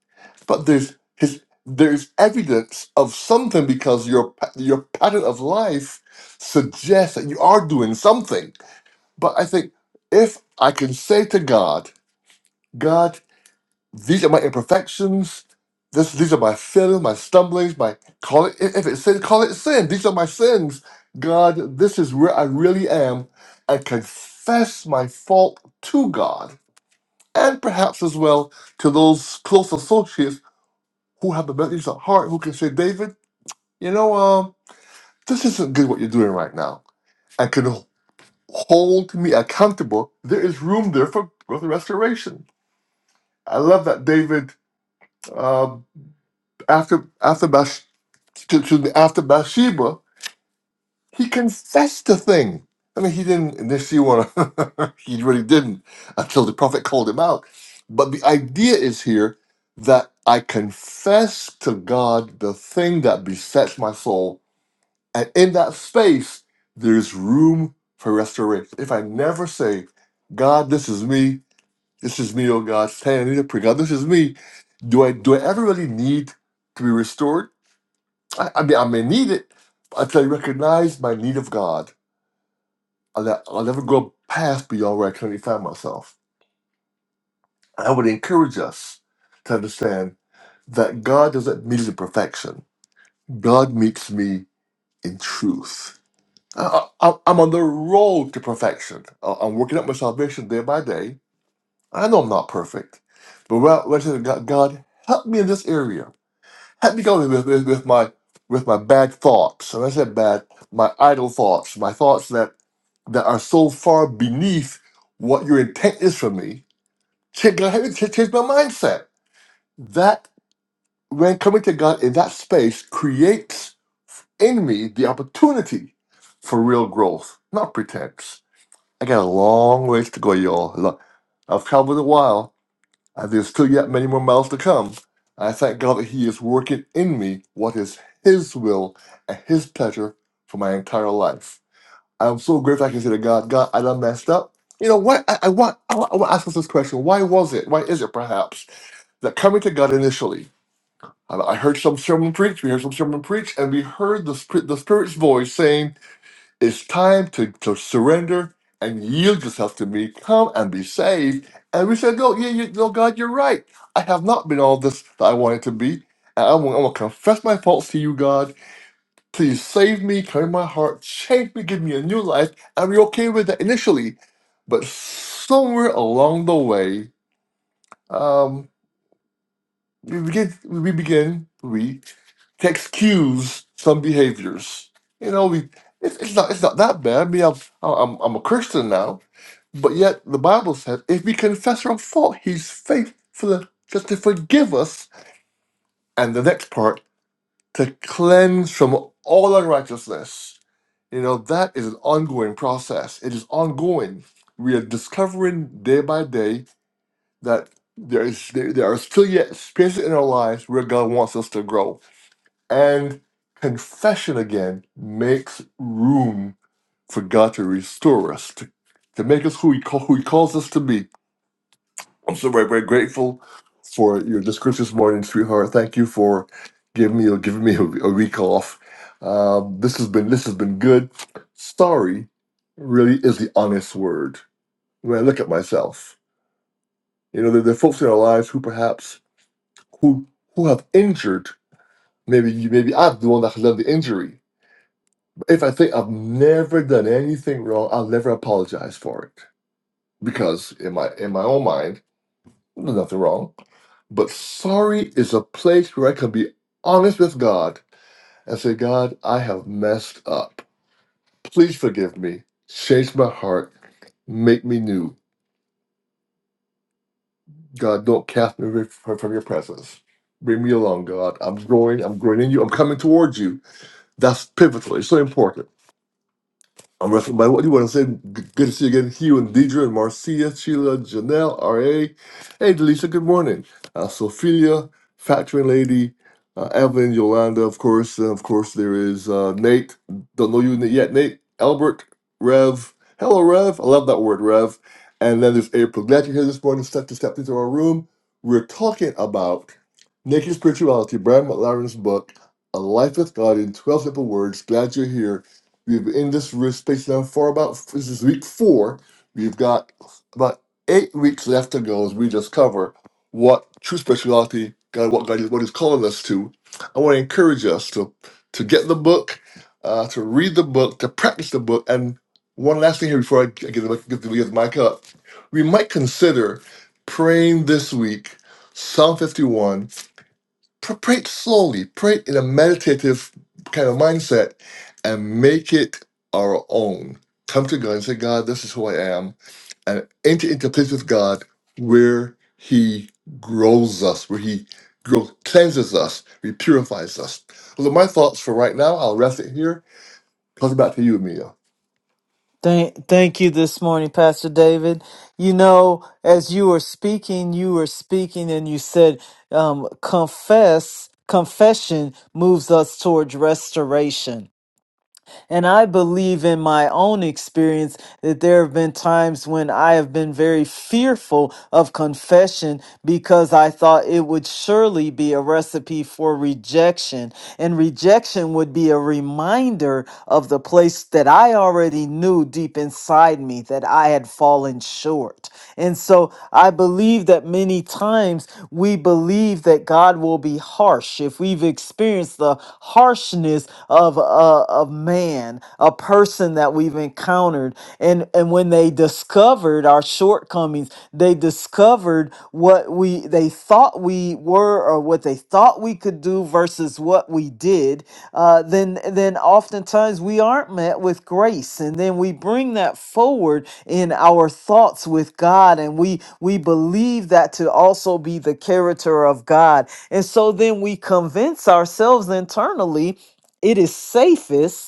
but there's his there's evidence of something because your pa- your pattern of life suggests that you are doing something but I think if I can say to God, God, these are my imperfections, this these are my failures, my stumblings, my call it if it's sin, call it sin. These are my sins. God, this is where I really am, and confess my fault to God, and perhaps as well to those close associates who have the message at heart, who can say, David, you know, um, this isn't good what you're doing right now, and can hold me accountable. There is room there for growth and restoration I love that David um, after after Bash, to, to the, after Bathsheba, he confessed the thing. I mean, he didn't initially want to. he really didn't until the prophet called him out. But the idea is here that I confess to God the thing that besets my soul, and in that space, there's room for restoration. If I never say, "God, this is me," This is me, oh God, standing in the prayer. God, this is me. Do I do I ever really need to be restored? I, I mean, I may need it until I recognize my need of God. I'll, ne- I'll never go past beyond where I currently find myself. I would encourage us to understand that God doesn't meet us in perfection. God meets me in truth. I, I, I'm on the road to perfection. I- I'm working up my salvation day by day. I know I'm not perfect, but we're, we're saying, God, God, help me in this area had me going with, with, with my with my bad thoughts. And I said bad, my idle thoughts, my thoughts that that are so far beneath what your intent is for me. Change, I had to change my mindset. That when coming to God in that space creates in me the opportunity for real growth, not pretense. I got a long ways to go, y'all. Look, I've traveled a while, uh, there's still yet many more miles to come. I thank God that He is working in me what is His will and His pleasure for my entire life. I'm so grateful I can say to God, God, I done messed up. You know what? I, I want I, want- I want to ask us this question. Why was it? Why is it perhaps that coming to God initially? I I heard some sermon preach. We heard some sermon preach, and we heard the, Spirit- the Spirit's voice saying. It's time to, to surrender and yield yourself to me. Come and be saved. And we said, No, yeah, you, no, God, you're right. I have not been all this that I wanted to be. And I'm, gonna- confess my faults to you, God. Please save me, come in my heart, change me, give me a new life. And we're okay with that initially. But somewhere along the way, um, we begin, we begin, we text cues some behaviors. You know, we it's, it's not it's not that bad. I mean, I'm, I'm I'm a Christian now, but yet the Bible says if we confess our fault, He's faithful just to forgive us. And the next part to cleanse from all unrighteousness. You know, that is an ongoing process. It is ongoing. We are discovering day by day that there is there, there are still yet spaces in our lives where God wants us to grow. And confession again makes room for God to restore us, to, to make us who he, call, who he calls us to be. I'm so very, very grateful for your discourse this morning, sweetheart. Thank you for giving me giving me a, a week off. Um, this has been this has been good. Sorry really is the honest word. When I look at myself, you know, there, there are folks in our lives who perhaps who who have injured. Maybe you, maybe I'm the one that has done the injury. if I think I've never done anything wrong, I'll never apologize for it because in my in my own mind, there's nothing wrong. But sorry is a place where I can be honest with God and say, God, I have messed up. Please forgive me. Change my heart. Make me new. God, don't cast me away from from your presence. Bring me along, God. I'm growing. I'm growing in you. I'm coming towards you That's pivotal. It's so important. I'm wrestling by what you want to say. G- Good to see you again, Hugh and Deidre and Marcia, Sheila, Janelle, R.A. Hey, Delisha. good morning. Uh, Sophia, Factoring Lady, uh, Evelyn, Yolanda, of course. And of course, there is uh, Nate. Don't know you yet, Nate. Albert, Rev. Hello, Rev. I love that word, Rev. And then there's April. Glad you're here this morning. Step to step into our room. We're talking about Naked Spirituality, Brian McLaren's book, A Life with God in 12 Simple Words. Glad you're here. We've been in this space now for about this is week four. We've got about eight weeks left to go as we just cover what true spirituality, God, what God is, what He's calling us to. I want to encourage us to to get the book, uh, to read the book, to practice the book, and one last thing here before I g- give the, give the, give the mic up, we might consider praying this week Psalm 51 pr- pray it slowly, pray it in a meditative kind of mindset, and make it our own. Come to God and say, God, this is who I am, and enter into a place with God where He grows us, where He grows, cleanses us, He purifies us. Those are my thoughts for right now. I'll rest it here. Pass it back to you, Mia.
Thank, thank you this morning, Pastor David. You know, as you were speaking, you were speaking and you said, um, confess, confession moves us towards restoration And I believe in my own experience that there have been times when I have been very fearful of confession because I thought it would surely be a recipe for rejection and rejection would be a reminder of the place that I already knew deep inside me that I had fallen short. And so I believe that many times we believe that God will be harsh if we've experienced the harshness of a of man, a person that we've encountered, and and when they discovered our shortcomings shortcomings. They discovered what we they thought we were or what they thought we could do versus what we did. Uh, then then oftentimes we aren't met with grace, and then we bring that forward in our thoughts with God, and we we believe that to also be the character of God, and so then we convince ourselves internally it is safest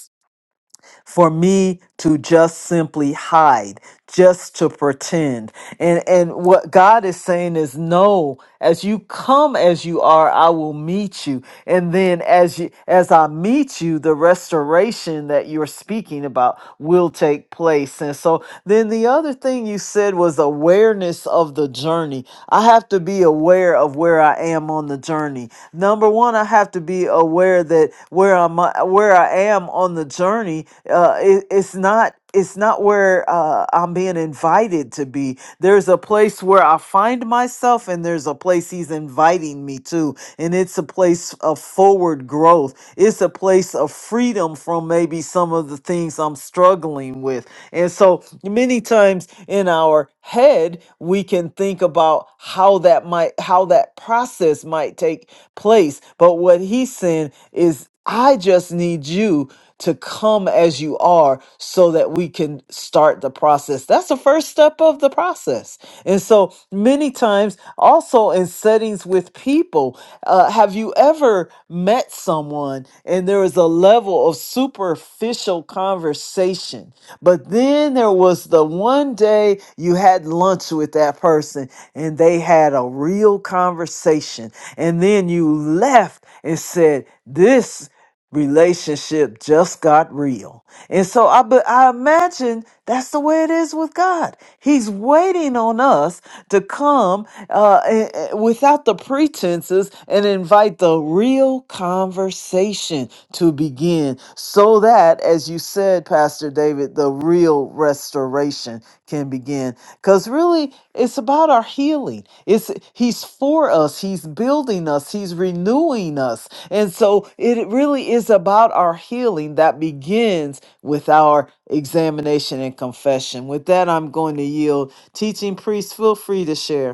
for me to just simply hide, just to pretend. And and what God is saying is no, as you come as you are, I will meet you. And then as you as I meet you, the restoration that you're speaking about will take place. And so then the other thing you said was awareness of the journey. I have to be aware of where I am on the journey. Number one, I have to be aware that where I'm where I am on the journey uh, it, it's not it's not where uh, I'm being invited to be. There's a place where I find myself, and there's a place He's inviting me to, and it's a place of forward growth. It's a place of freedom from maybe some of the things I'm struggling with. And so many times in our head, we can think about how that might how that process might take place. But what He's saying is, I just need you to come as you are so that we can start the process. That's the first step of the process. And so many times, also in settings with people, uh, have you ever met someone and there was a level of superficial conversation? But then there was the one day you had lunch with that person and they had a real conversation. And then you left and said, This relationship just got real. And so I but I imagine that's the way it is with God. He's waiting on us to come uh, eh, eh, without the pretenses and invite the real conversation to begin so that, as you said, Pastor David, the real restoration can begin. Because really, it's about our healing. It's He's for us. He's building us. He's renewing us, and so it really is about our healing that begins with our examination and confession. With that, I'm going to yield. Teaching priest, feel free to share.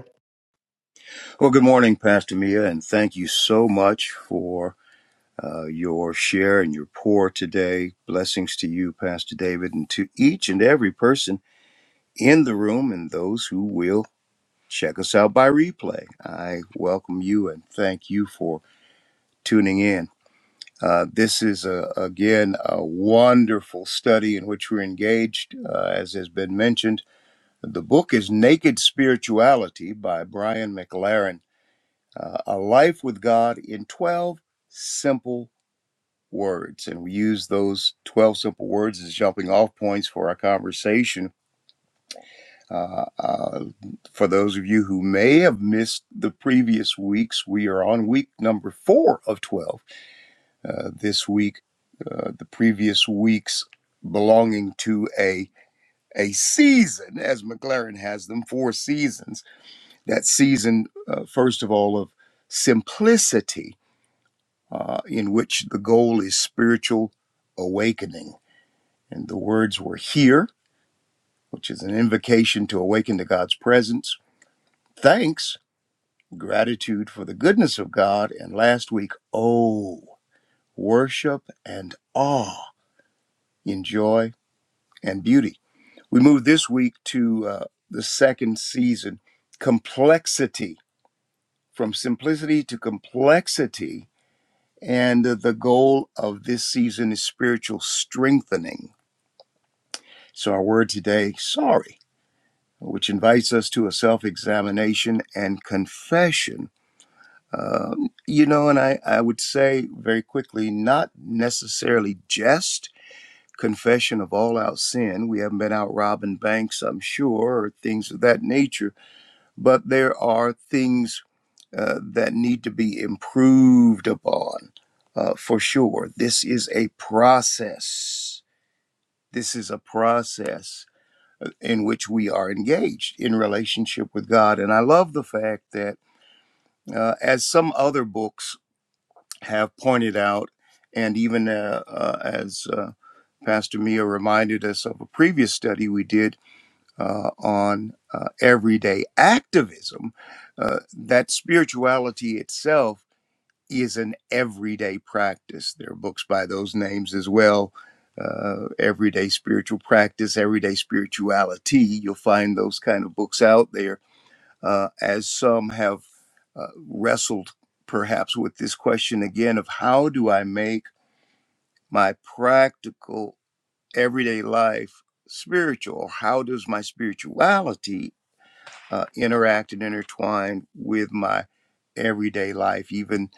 Well, good morning, Pastor Mia, and thank you so much for uh, your share and your pour today. Blessings to you, Pastor David, and to each and every person in the room and those who will check us out by replay. I welcome you and thank you for tuning in. Uh, this is a, again a wonderful study in which we're engaged, uh, as has been mentioned The book is Naked Spirituality by Brian McLaren, uh, A Life with God in 12 Simple Words. And we use those 12 simple words as jumping off points for our conversation. Uh, uh, for those of you who may have missed the previous weeks, we are on week number four of 12. Uh, this week, uh, the previous weeks belonging to a a season, as McLaren has them, four seasons. that season, uh, first of all, of simplicity, uh, in which the goal is spiritual awakening. And the words were here, which is an invocation to awaken to God's presence, thanks, gratitude for the goodness of God, and last week, oh, worship and awe in joy and beauty. We move this week to uh, the second season, complexity, from simplicity to complexity And uh, the goal of this season is spiritual strengthening. So, our word today, sorry, which invites us to a self examination and confession. Um, you know, and I, I would say very quickly, not necessarily just confession of all out sin. We haven't been out robbing banks, I'm sure, or things of that nature, but there are things uh, that need to be improved upon uh, for sure. This is a process. This is a process uh, in which we are engaged in relationship with God. And I love the fact that, uh, as some other books have pointed out, and even uh, uh, as uh, Pastor Mia reminded us of a previous study we did uh, on uh, everyday activism, uh, that spirituality itself is an everyday practice. There are books by those names as well. Uh, everyday spiritual practice, everyday spirituality. You'll find those kind of books out there. Uh, as some have uh, wrestled perhaps with this question again of how do I make my practical everyday life spiritual? How does my spirituality uh, interact and intertwine with my everyday life, even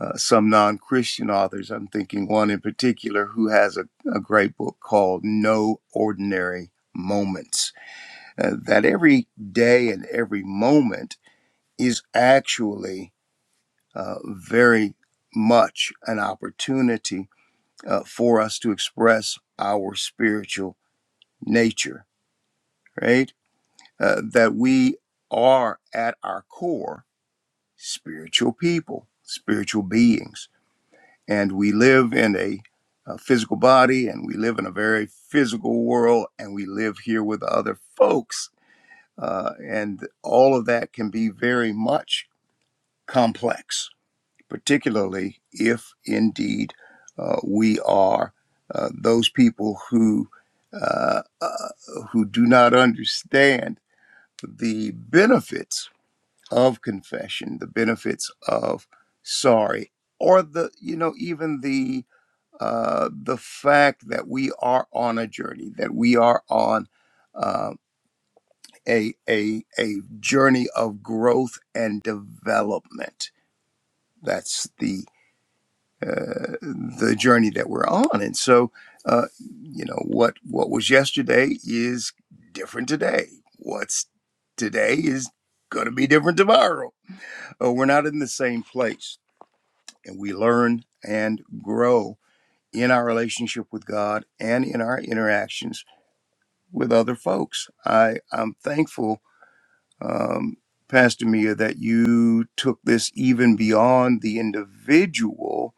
uh, some non Christian authors. I'm thinking one in particular who has a, a great book called No Ordinary Moments, uh, that every day and every moment is actually uh, very much an opportunity uh, for us to express our spiritual nature, right? Uh, that we are at our core spiritual people, spiritual beings. And we live in a, a physical body and we live in a very physical world and we live here with other folks. Uh, and all of that can be very much complex, particularly if indeed uh, we are uh, those people who. Uh, uh, who do not understand the benefits of confession, the benefits of sorry, or the you know even the uh, the fact that we are on a journey, that we are on uh, a a a journey of growth and development. That's the uh, the journey that we're on, and so uh, you know what what was yesterday is different today. What's today is going to be different tomorrow. Uh, we're not in the same place. and we learn and grow in our relationship with God and in our interactions with other folks. I, I'm thankful, um, Pastor Mia, that you took this even beyond the individual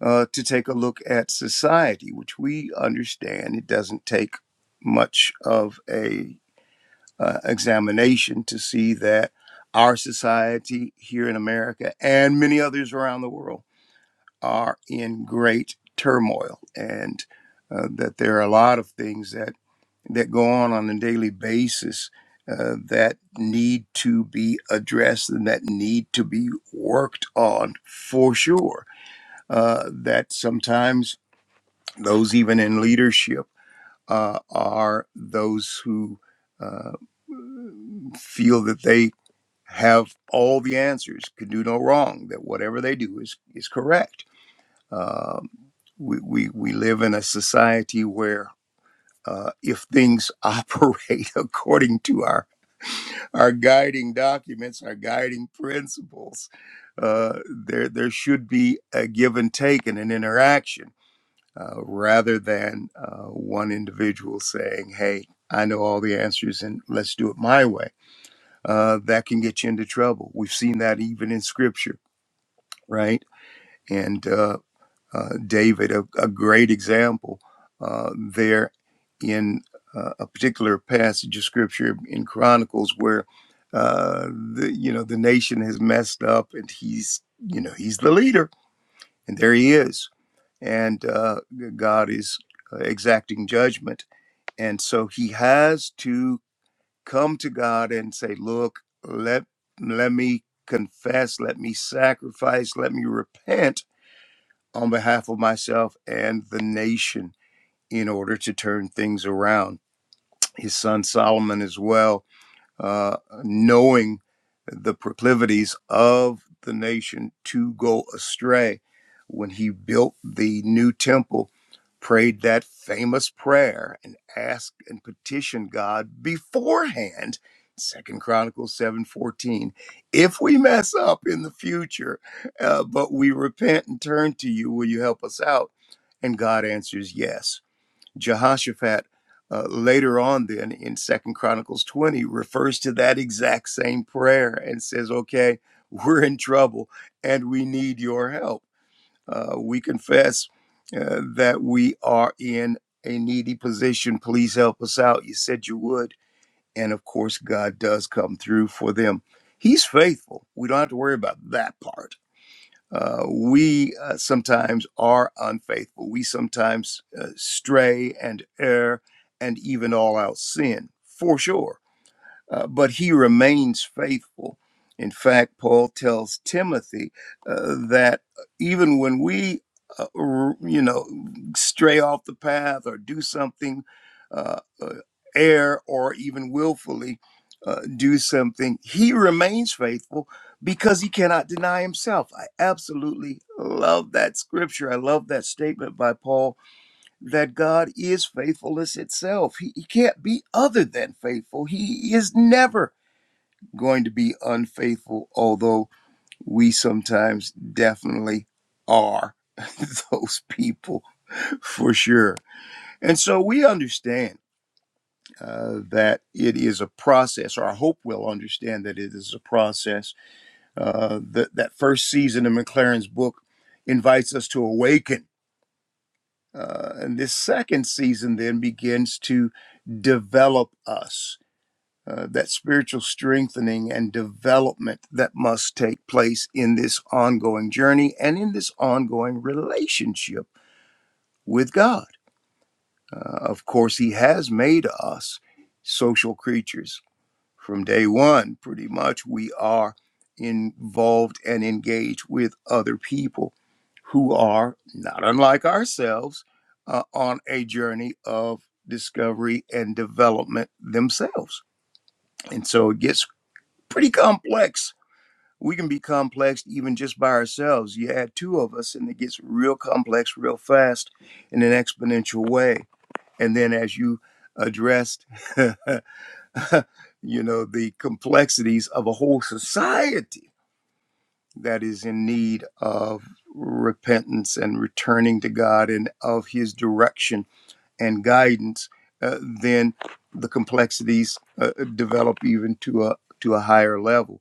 uh, to take a look at society, which we understand it doesn't take much of a uh, examination to see that our society here in America and many others around the world are in great turmoil and uh, that there are a lot of things that that go on on a daily basis uh, that need to be addressed and that need to be worked on for sure. Uh, that sometimes those even in leadership uh, are those who uh, feel that they have all the answers, can do no wrong, that whatever they do is is correct Um, we, we, we live in a society where uh, if things operate according to our, our guiding documents, our guiding principles, uh, there, there should be a give and take and an interaction uh, rather than uh, one individual saying, hey, I know all the answers and let's do it my way. Uh, that can get you into trouble. We've seen that even in scripture, right? And uh, uh, David, a, a great example uh, there in uh, a particular passage of scripture in Chronicles where uh, the you know the nation has messed up and he's you know he's the leader and there he is and uh, God is uh, exacting judgment and so he has to come to God and say, look, let let me confess, let me sacrifice, let me repent on behalf of myself and the nation in order to turn things around. His son Solomon, as well, uh, knowing the proclivities of the nation to go astray. When he built the new temple, prayed that famous prayer and asked and petitioned God beforehand. Second Chronicles 7:14. If we mess up in the future, uh, but we repent and turn to you, will you help us out? And God answers yes Jehoshaphat uh, later on then in Second Chronicles 20 refers to that exact same prayer and says, "Okay, we're in trouble and we need your help. Uh, we confess uh, that we are in a needy position. Please help us out. You said you would." And of course, God does come through for them. He's faithful. We don't have to worry about that part uh, we uh, sometimes are unfaithful. We sometimes uh, stray and err and even all out sin, for sure uh, but he remains faithful. In fact, Paul tells Timothy uh, that even when we, uh, r- you know, stray off the path or do something, uh, uh, err or even willfully uh, do something, he remains faithful because he cannot deny himself. I absolutely love that scripture. I love that statement by Paul that God is faithfulness itself. He, he can't be other than faithful. He is never going to be unfaithful, although we sometimes definitely are those people for sure. And so we understand uh, that it is a process, or I hope we'll understand that it is a process. Uh, that, that first season of McLaren's book invites us to awaken Uh, and this second season then begins to develop us, uh, that spiritual strengthening and development that must take place in this ongoing journey and in this ongoing relationship with God. Uh, of course, He has made us social creatures from day one, pretty much, we are involved and engaged with other people who are not unlike ourselves uh, on a journey of discovery and development themselves. And so it gets pretty complex. We can be complex even just by ourselves. You add two of us, and it gets real complex real fast in an exponential way. And then as you addressed you know, the complexities of a whole society that is in need of repentance and returning to God and of His direction and guidance, uh, then the complexities uh, develop even to a to a higher level.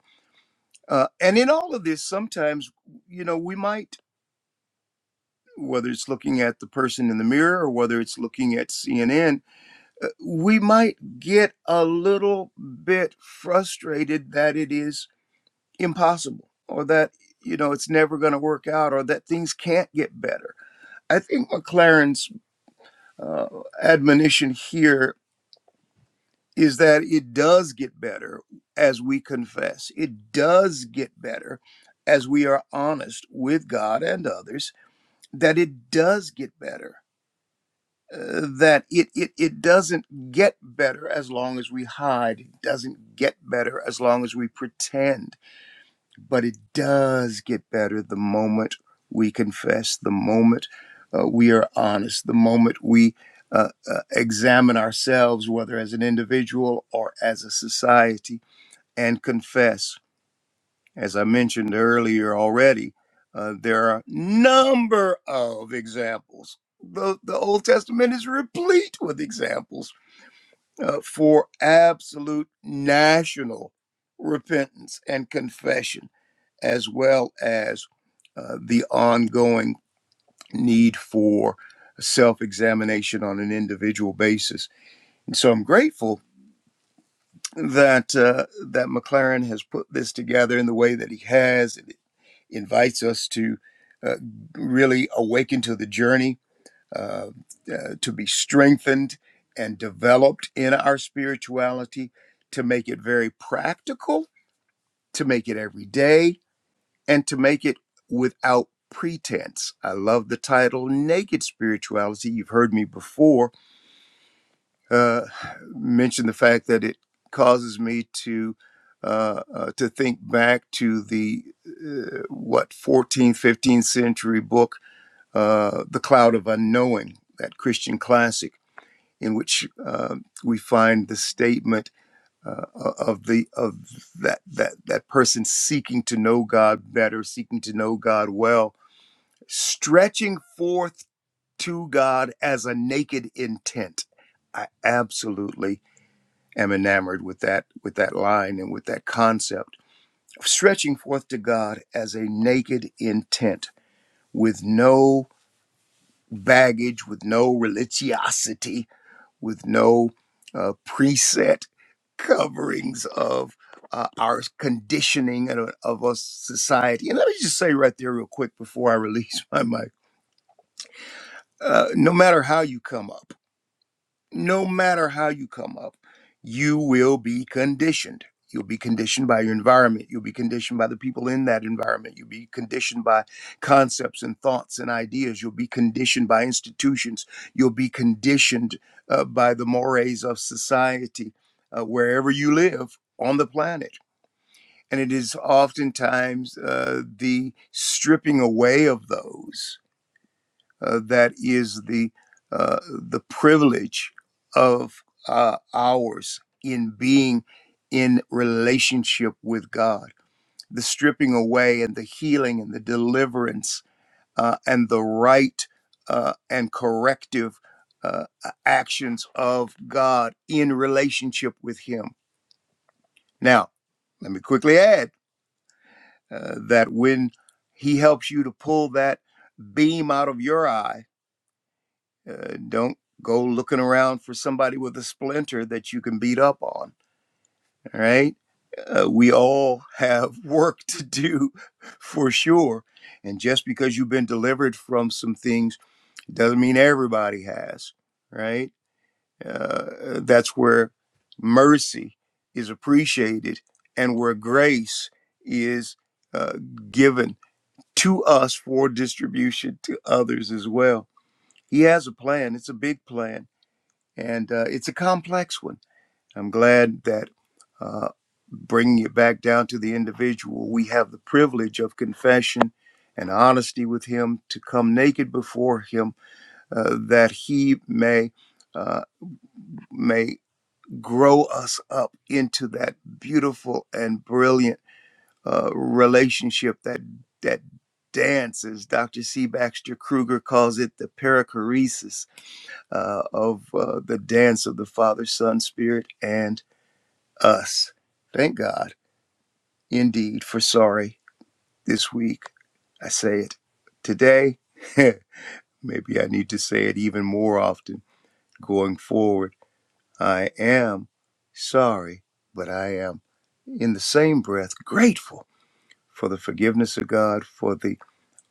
Uh, and in all of this, sometimes you know we might, whether it's looking at the person in the mirror or whether it's looking at CNN, uh, we might get a little bit frustrated that it is impossible or that you know it's never going to work out or that things can't get better i think mclaren's uh, admonition here is that it does get better as we confess it does get better as we are honest with god and others that it does get better uh, that it, it it doesn't get better as long as we hide it doesn't get better as long as we pretend but it does get better the moment we confess, the moment uh, we are honest, the moment we uh, uh, examine ourselves, whether as an individual or as a society, and confess. As I mentioned earlier already, uh, there are a number of examples. The, the Old Testament is replete with examples uh, for absolute national repentance and confession as well as uh, the ongoing need for self examination on an individual basis. And so I'm grateful that uh, that McLaren has put this together in the way that he has. It invites us to uh, really awaken to the journey, uh, uh, to be strengthened and developed in our spirituality, to make it very practical, to make it everyday and to make it without pretense. I love the title Naked Spirituality. You've heard me before uh, mention the fact that it causes me to. Uh, uh, to think back to the uh, what 14th 15th century book uh, the cloud of unknowing that christian classic in which uh, we find the statement uh, of the of that that that person seeking to know god better seeking to know god well stretching forth to God as a naked intent. I absolutely am enamored with that with that line and with that concept stretching forth to God as a naked intent with no baggage, with no religiosity, with no uh, preset coverings of uh, our conditioning and uh, of a society. And let me just say right there, real quick, before I release my mic. Uh, no matter how you come up no matter how you come up, you will be conditioned. You'll be conditioned by your environment. You'll be conditioned by the people in that environment. You'll be conditioned by concepts and thoughts and ideas. You'll be conditioned by institutions. You'll be conditioned uh, by the mores of society uh, wherever you live on the planet. And it is oftentimes uh, the stripping away of those uh, that is the uh, the privilege of uh, ours in being in relationship with God. The stripping away and the healing and the deliverance uh, and the right uh, and corrective uh, actions of God in relationship with Him. Now, let me quickly add uh, that when He helps you to pull that beam out of your eye Uh, don't go looking around for somebody with a splinter that you can beat up on. All right. Uh, we all have work to do for sure. And just because you've been delivered from some things doesn't mean everybody has. Right. Uh, that's where mercy is appreciated and where grace is uh, given to us for distribution to others as well. He has a plan, it's a big plan and uh, it's a complex one. I'm glad that uh, bringing it back down to the individual, we have the privilege of confession and honesty with Him to come naked before Him, uh, that He may uh, may grow us up into that beautiful and brilliant uh, relationship that that dance, as Dr. C. Baxter Kruger calls it, the perichoresis uh, of uh, the dance of the Father, Son, Spirit, and us. Thank God, indeed, for sorry this week. I say it today. Maybe I need to say it even more often going forward. I am sorry, but I am in the same breath grateful for the forgiveness of God, for the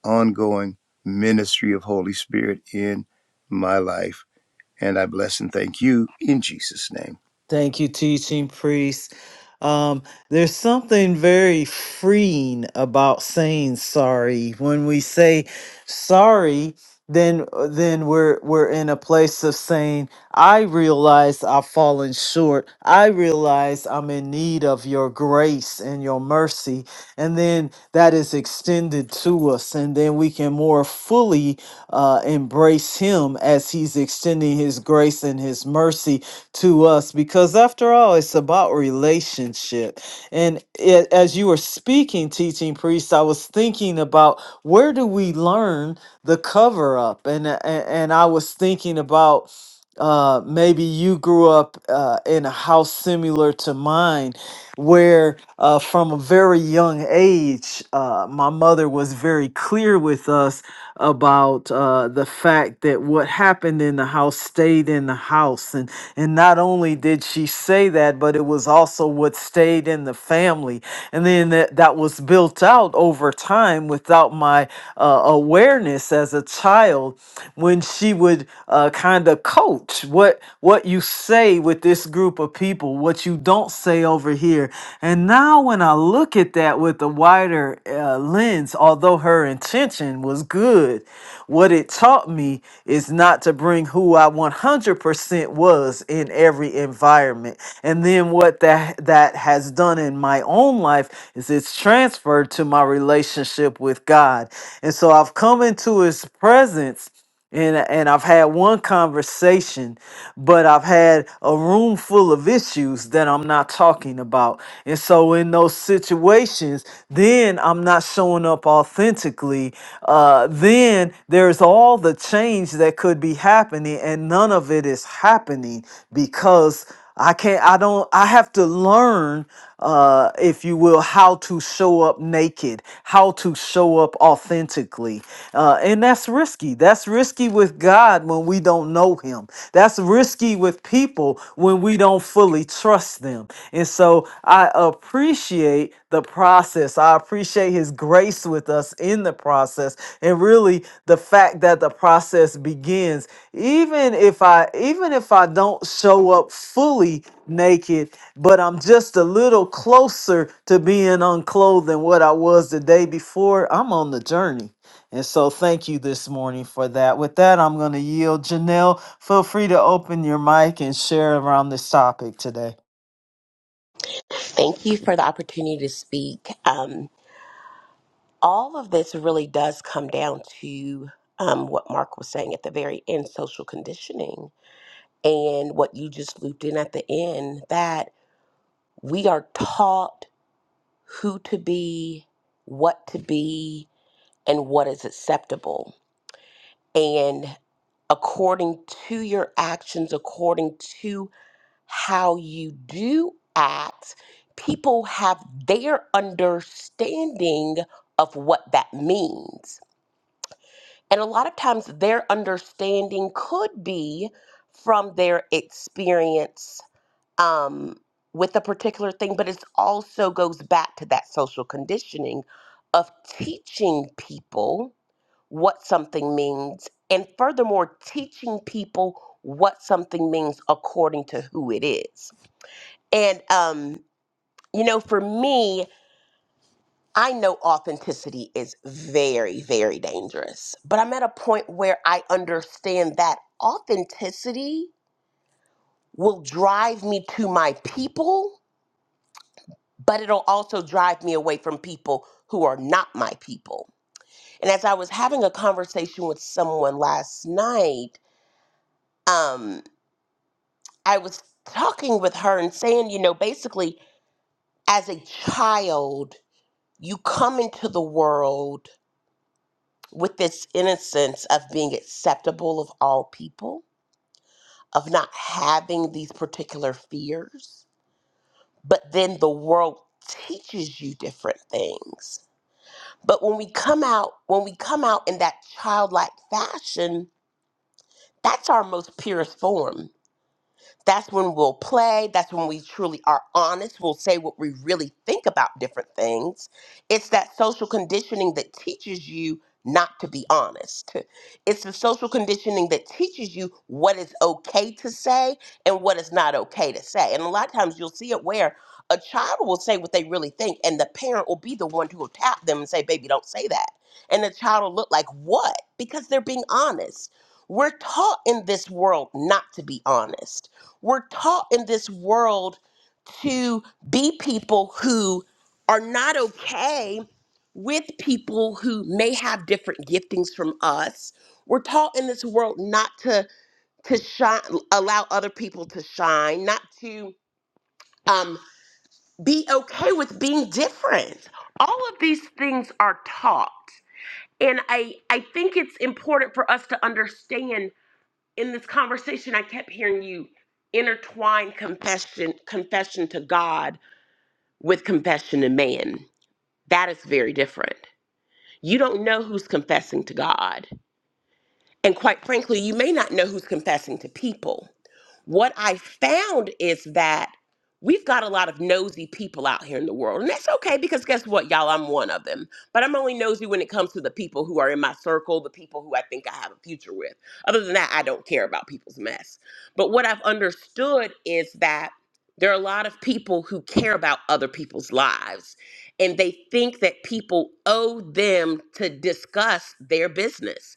ongoing ministry of Holy Spirit in my life. And I bless and thank you in Jesus' name.
Thank you, teaching priest. Um, there's something very freeing about saying sorry. When we say sorry, then then we're we're in a place of saying, I realize I've fallen short. I realize I'm in need of your grace and your mercy. And then that is extended to us, and then we can more fully uh, embrace him as he's extending his grace and his mercy to us because after all it's about relationship and it, as you were speaking teaching priest i was thinking about where do we learn the cover up and and, and i was thinking about uh, maybe you grew up uh, in a house similar to mine, where uh, from a very young age, uh, my mother was very clear with us about uh, the fact that what happened in the house stayed in the house and. And not only did she say that, but it was also what stayed in the family. And then that, that was built out over time without my uh, awareness as a child when she would uh, kind of coach what, what you say with this group of people, what you don't say over here. And now when I look at that with a wider uh, lens, although her intention was good, what it taught me is not to bring who I 100% percent was in every environment. And then what that that has done in my own life is it's transferred to my relationship with God. And so I've come into his presence and and I've had one conversation, but I've had a room full of issues that I'm not talking about. And so in those situations, then I'm not showing up authentically. Uh, then there's all the change that could be happening, and and none of it is happening because I can't, I don't, I have to learn, uh, if you will, how to show up naked, how to show up authentically. Uh, and that's risky. That's risky with God when we don't know Him. That's risky with people when we don't fully trust them. And so I appreciate the process. I appreciate His grace with us in the process. And really, the fact that the process begins even if i even if i don't show up fully naked but i'm just a little closer to being unclothed than what i was the day before i'm on the journey and so thank you this morning for that with that i'm going to yield janelle feel free to open your mic and share around this topic today
Thank you for the opportunity to speak. Um, all of this really does come down to um, what Mark was saying at the very end social conditioning and what you just looped in at the end that we are taught who to be, what to be, and what is acceptable. And according to your actions, according to how you do act, people have their understanding of what that means. And a lot of times their understanding could be from their experience um, with a particular thing, but it also goes back to that social conditioning of teaching people what something means, and furthermore, teaching people what something means according to who it is. And um, you know, for me, I know authenticity is very, very dangerous, but I'm at a point where I understand that authenticity will drive me to my people, but it'll also drive me away from people who are not my people. And as I was having a conversation with someone last night, um, I was talking with her and saying, you know, basically, as a child, you come into the world with this innocence of being acceptable of all people, of not having these particular fears, but then the world teaches you different things. But when we come out, when we come out in that childlike fashion, that's our most purest form That's when we'll play. That's when we truly are honest. We'll say what we really think about different things. It's that social conditioning that teaches you not to be honest. It's the social conditioning that teaches you what is okay to say and what is not okay to say. And a lot of times you'll see it where a child will say what they really think, and the parent will be the one who will tap them and say, Baby, don't say that. And the child will look like, What? Because they're being honest. We're taught in this world not to be honest we're taught in this world to be people who are not okay with people who may have different giftings from us. We're taught in this world not to to shine, allow other people to shine, not to um, be okay with being different. All of these things are taught, and I I think it's important for us to understand in this conversation, I kept hearing you intertwine confession, confession to God with confession to man. That is very different. You don't know who's confessing to God. And quite frankly, you may not know who's confessing to people what I found is that we've got a lot of nosy people out here in the world. And that's okay because guess what, y'all? I'm one of them. But I'm only nosy when it comes to the people who are in my circle, the people who I think I have a future with. Other than that, I don't care about people's mess. But what I've understood is that there are a lot of people who care about other people's lives and they think that people owe them to discuss their business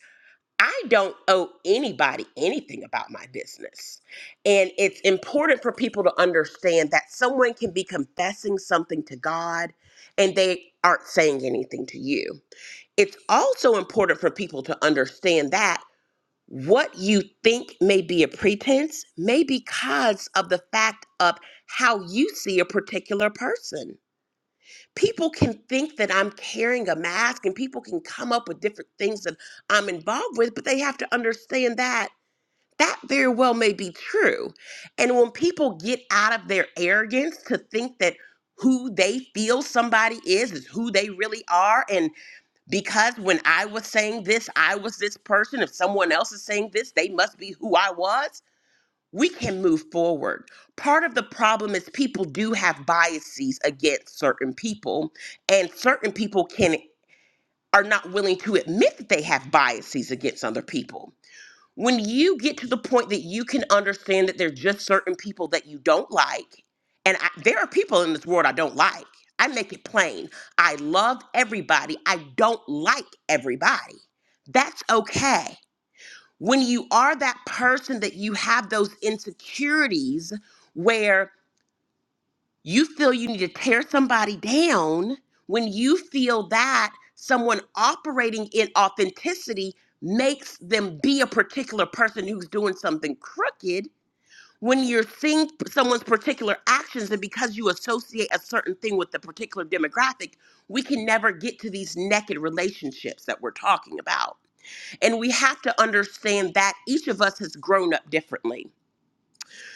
I don't owe anybody anything about my business. And it's important for people to understand that someone can be confessing something to God and they aren't saying anything to you. It's also important for people to understand that what you think may be a pretense may be because of the fact of how you see a particular person people can think that I'm carrying a mask and people can come up with different things that I'm involved with, but they have to understand that that very well may be true. And when people get out of their arrogance to think that who they feel somebody is is who they really are and because when I was saying this I was this person if someone else is saying this they must be who I was we can move forward. Part of the problem is people do have biases against certain people, and certain people can are not willing to admit that they have biases against other people. When you get to the point that you can understand that there's just certain people that you don't like, and I, there are people in this world I don't like. I make it plain. I love everybody. I don't like everybody. That's okay when you are that person that you have those insecurities where you feel you need to tear somebody down, when you feel that someone operating in authenticity makes them be a particular person who's doing something crooked, when you're seeing p- someone's particular actions and because you associate a certain thing with the particular demographic, we can never get to these naked relationships that we're talking about and we have to understand that each of us has grown up differently.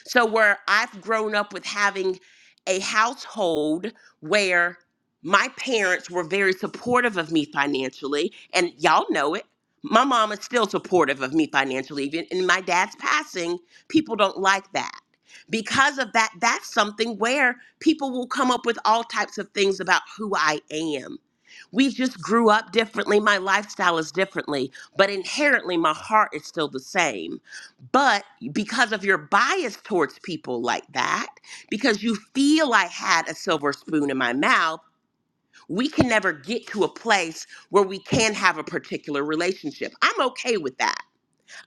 So, where I've grown up with having a household where my parents were very supportive of me financially, and y'all know it. My mom is still supportive of me financially. Even in my dad's passing, people don't like that. Because of that, that's something where people will come up with all types of things about who I am. We just grew up differently. My lifestyle is differently, but inherently, my heart is still the same. But because of your bias towards people like that, because you feel I had a silver spoon in my mouth, we can never get to a place where we can have a particular relationship. I'm okay with that.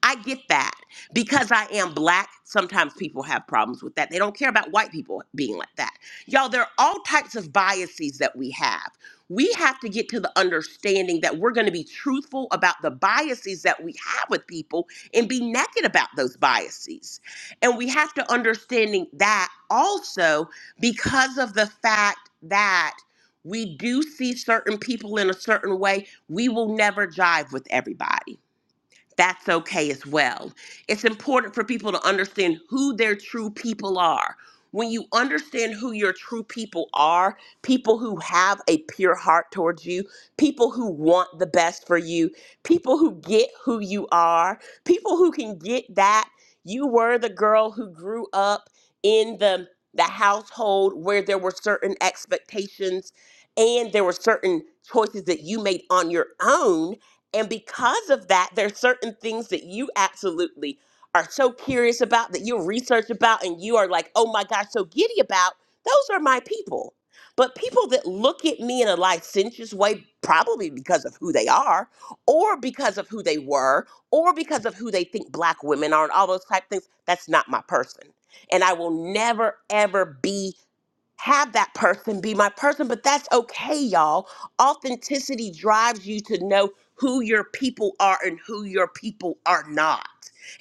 I get that. Because I am black, sometimes people have problems with that. They don't care about white people being like that. Y'all, there are all types of biases that we have. We have to get to the understanding that we're going to be truthful about the biases that we have with people and be naked about those biases. And we have to understanding that also because of the fact that we do see certain people in a certain way, we will never jive with everybody that's okay as well. It's important for people to understand who their true people are. When you understand who your true people are, people who have a pure heart towards you, people who want the best for you, people who get who you are, people who can get that you were the girl who grew up in the the household where there were certain expectations and there were certain choices that you made on your own and because of that, there's certain things that you absolutely are so curious about that you research about and you are like, oh my gosh, so giddy about. Those are my people. But people that look at me in a licentious way, probably because of who they are, or because of who they were, or because of who they think black women are, and all those type things, that's not my person. And I will never, ever be have that person be my person, but that's okay, y'all. Authenticity drives you to know who your people are and who your people are not.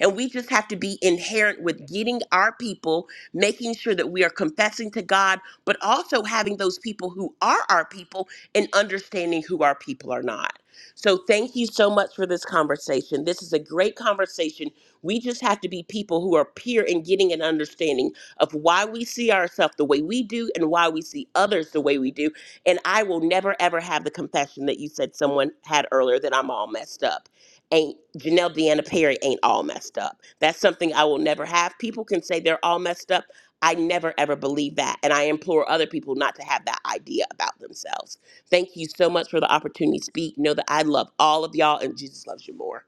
And we just have to be inherent with getting our people, making sure that we are confessing to God, but also having those people who are our people and understanding who our people are not. So, thank you so much for this conversation. This is a great conversation. We just have to be people who are peer and getting an understanding of why we see ourselves the way we do and why we see others the way we do. And I will never, ever have the compassion that you said someone had earlier that I'm all messed up. Ain't Janelle Deanna Perry ain't all messed up. That's something I will never have. People can say they're all messed up. I never ever believe that. And I implore other people not to have that idea about themselves. Thank you so much for the opportunity to speak. Know that I love all of y'all and Jesus loves you more.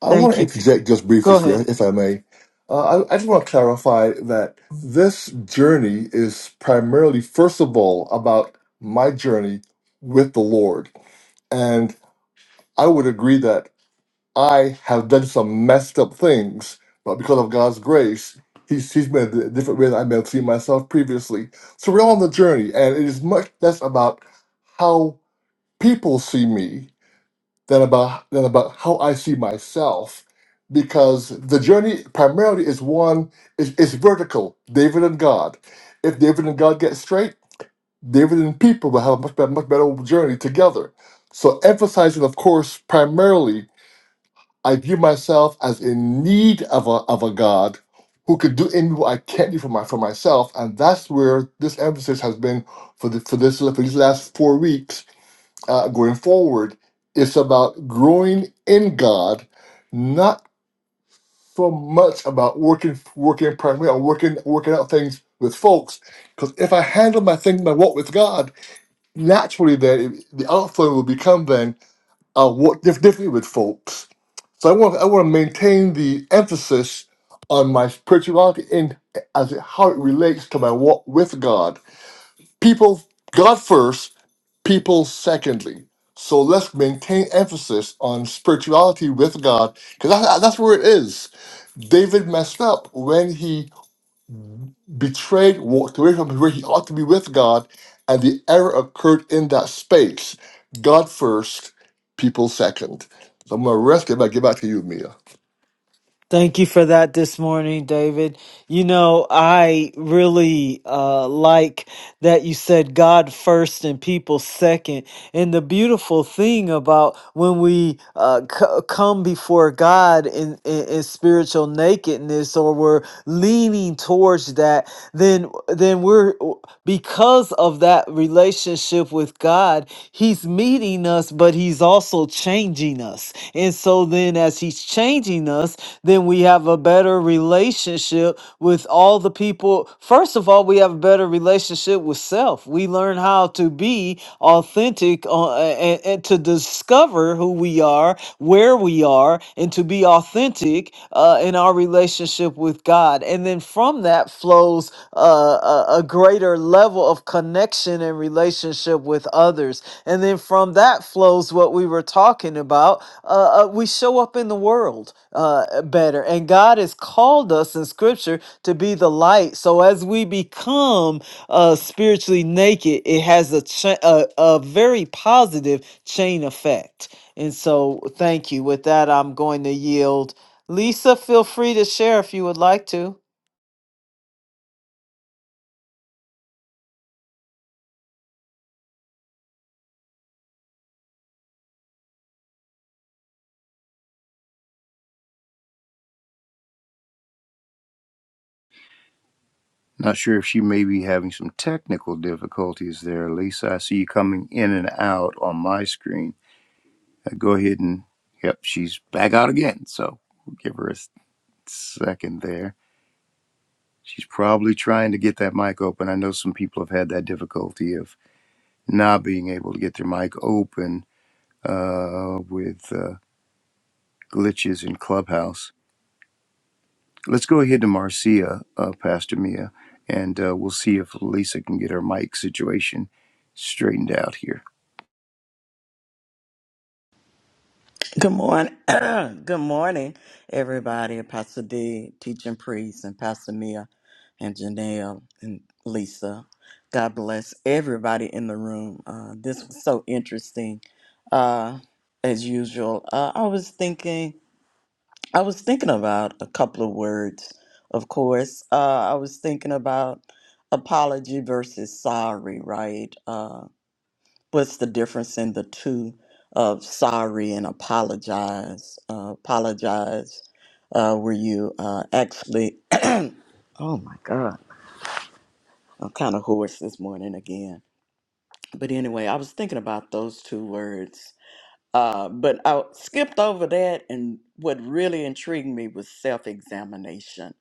I want
thank
to
you
interject just briefly,
go
Sri,
ahead
if I may. Uh, I, I just want to clarify that this journey is primarily, first of all, about my journey with the Lord. And I would agree that I have done some messed up things, but because of God's grace, He's, he's made a different way that I may have seen myself previously. So we're all on the journey, and it is much less about how people see me than about than about how I see myself, because the journey primarily is one is is vertical. David and God. If David and God get straight, David and people will have a much better much better journey together. So emphasizing, of course, primarily, I view myself as in need of a of a God who could do in me what I can't do for my for myself, and that's where this emphasis has been for the for this for these last four weeks uh, going forward it's about growing in god not so much about working working primarily or working working out things with folks because if i handle my thing my walk with god naturally then it- the outflow will become then i walk dif- differently with folks so i want i want to maintain the emphasis on my spirituality and as it, how it relates to my walk with god people god first people secondly. So let's maintain emphasis on spirituality with God, because that, that's where it is. David messed up when he betrayed, walked away from where he ought to be with God, and the error occurred in that space. God first, people second. So I'm going to rest it but give back to you, Mia.
Thank you for that this morning, David. You know, I really uh, like that you said God first and people second. And the beautiful thing about when we uh, c- come before God in, in, in spiritual nakedness or we're leaning towards that then then we're because of that relationship with God, he's meeting us but he's also changing us. And so then as he's changing us, then we have a better relationship with all the people. First of all, we have a better relationship with self. We learn how to be authentic uh, and, and to discover who we are are, where we are, and to be authentic uh, in our relationship with God. And then from that flows uh, a, a greater level of connection and relationship with others. And then from that flows what we were talking about. Uh, uh, we show up in the world uh, better. And God has called us in Scripture to be the light. So as we become uh, spiritually naked, it has a, cha- a, a very positive chain effect. And so, thank you. With that, I'm going to yield. Lisa, feel free to share if you would like to.
Not sure if she may be having some technical difficulties there, Lisa. I see you coming in and out on my screen. Uh, go ahead and, yep, she's back out again. So we'll give her a s- second there. She's probably trying to get that mic open. I know some people have had that difficulty of not being able to get their mic open uh, with uh, glitches in Clubhouse. Let's go ahead to Marcia, uh, Pastor Mia, and uh, we'll see if Lisa can get her mic situation straightened out here.
Good morning. Good morning, everybody. Pastor D, teaching priest, and Pastor Mia, and Janelle, and Lisa. God bless everybody in the room. Uh, this was so interesting, uh, as usual. Uh, I was thinking, I was thinking about a couple of words. Of course, uh, I was thinking about apology versus sorry, right? Uh, what's the difference in the two of sorry and apologize? Uh, apologize, uh, where you uh, actually, oh my God, I'm kind of hoarse this morning again. But anyway, I was thinking about those two words. Uh, but I skipped over that, and what really intrigued me was self examination.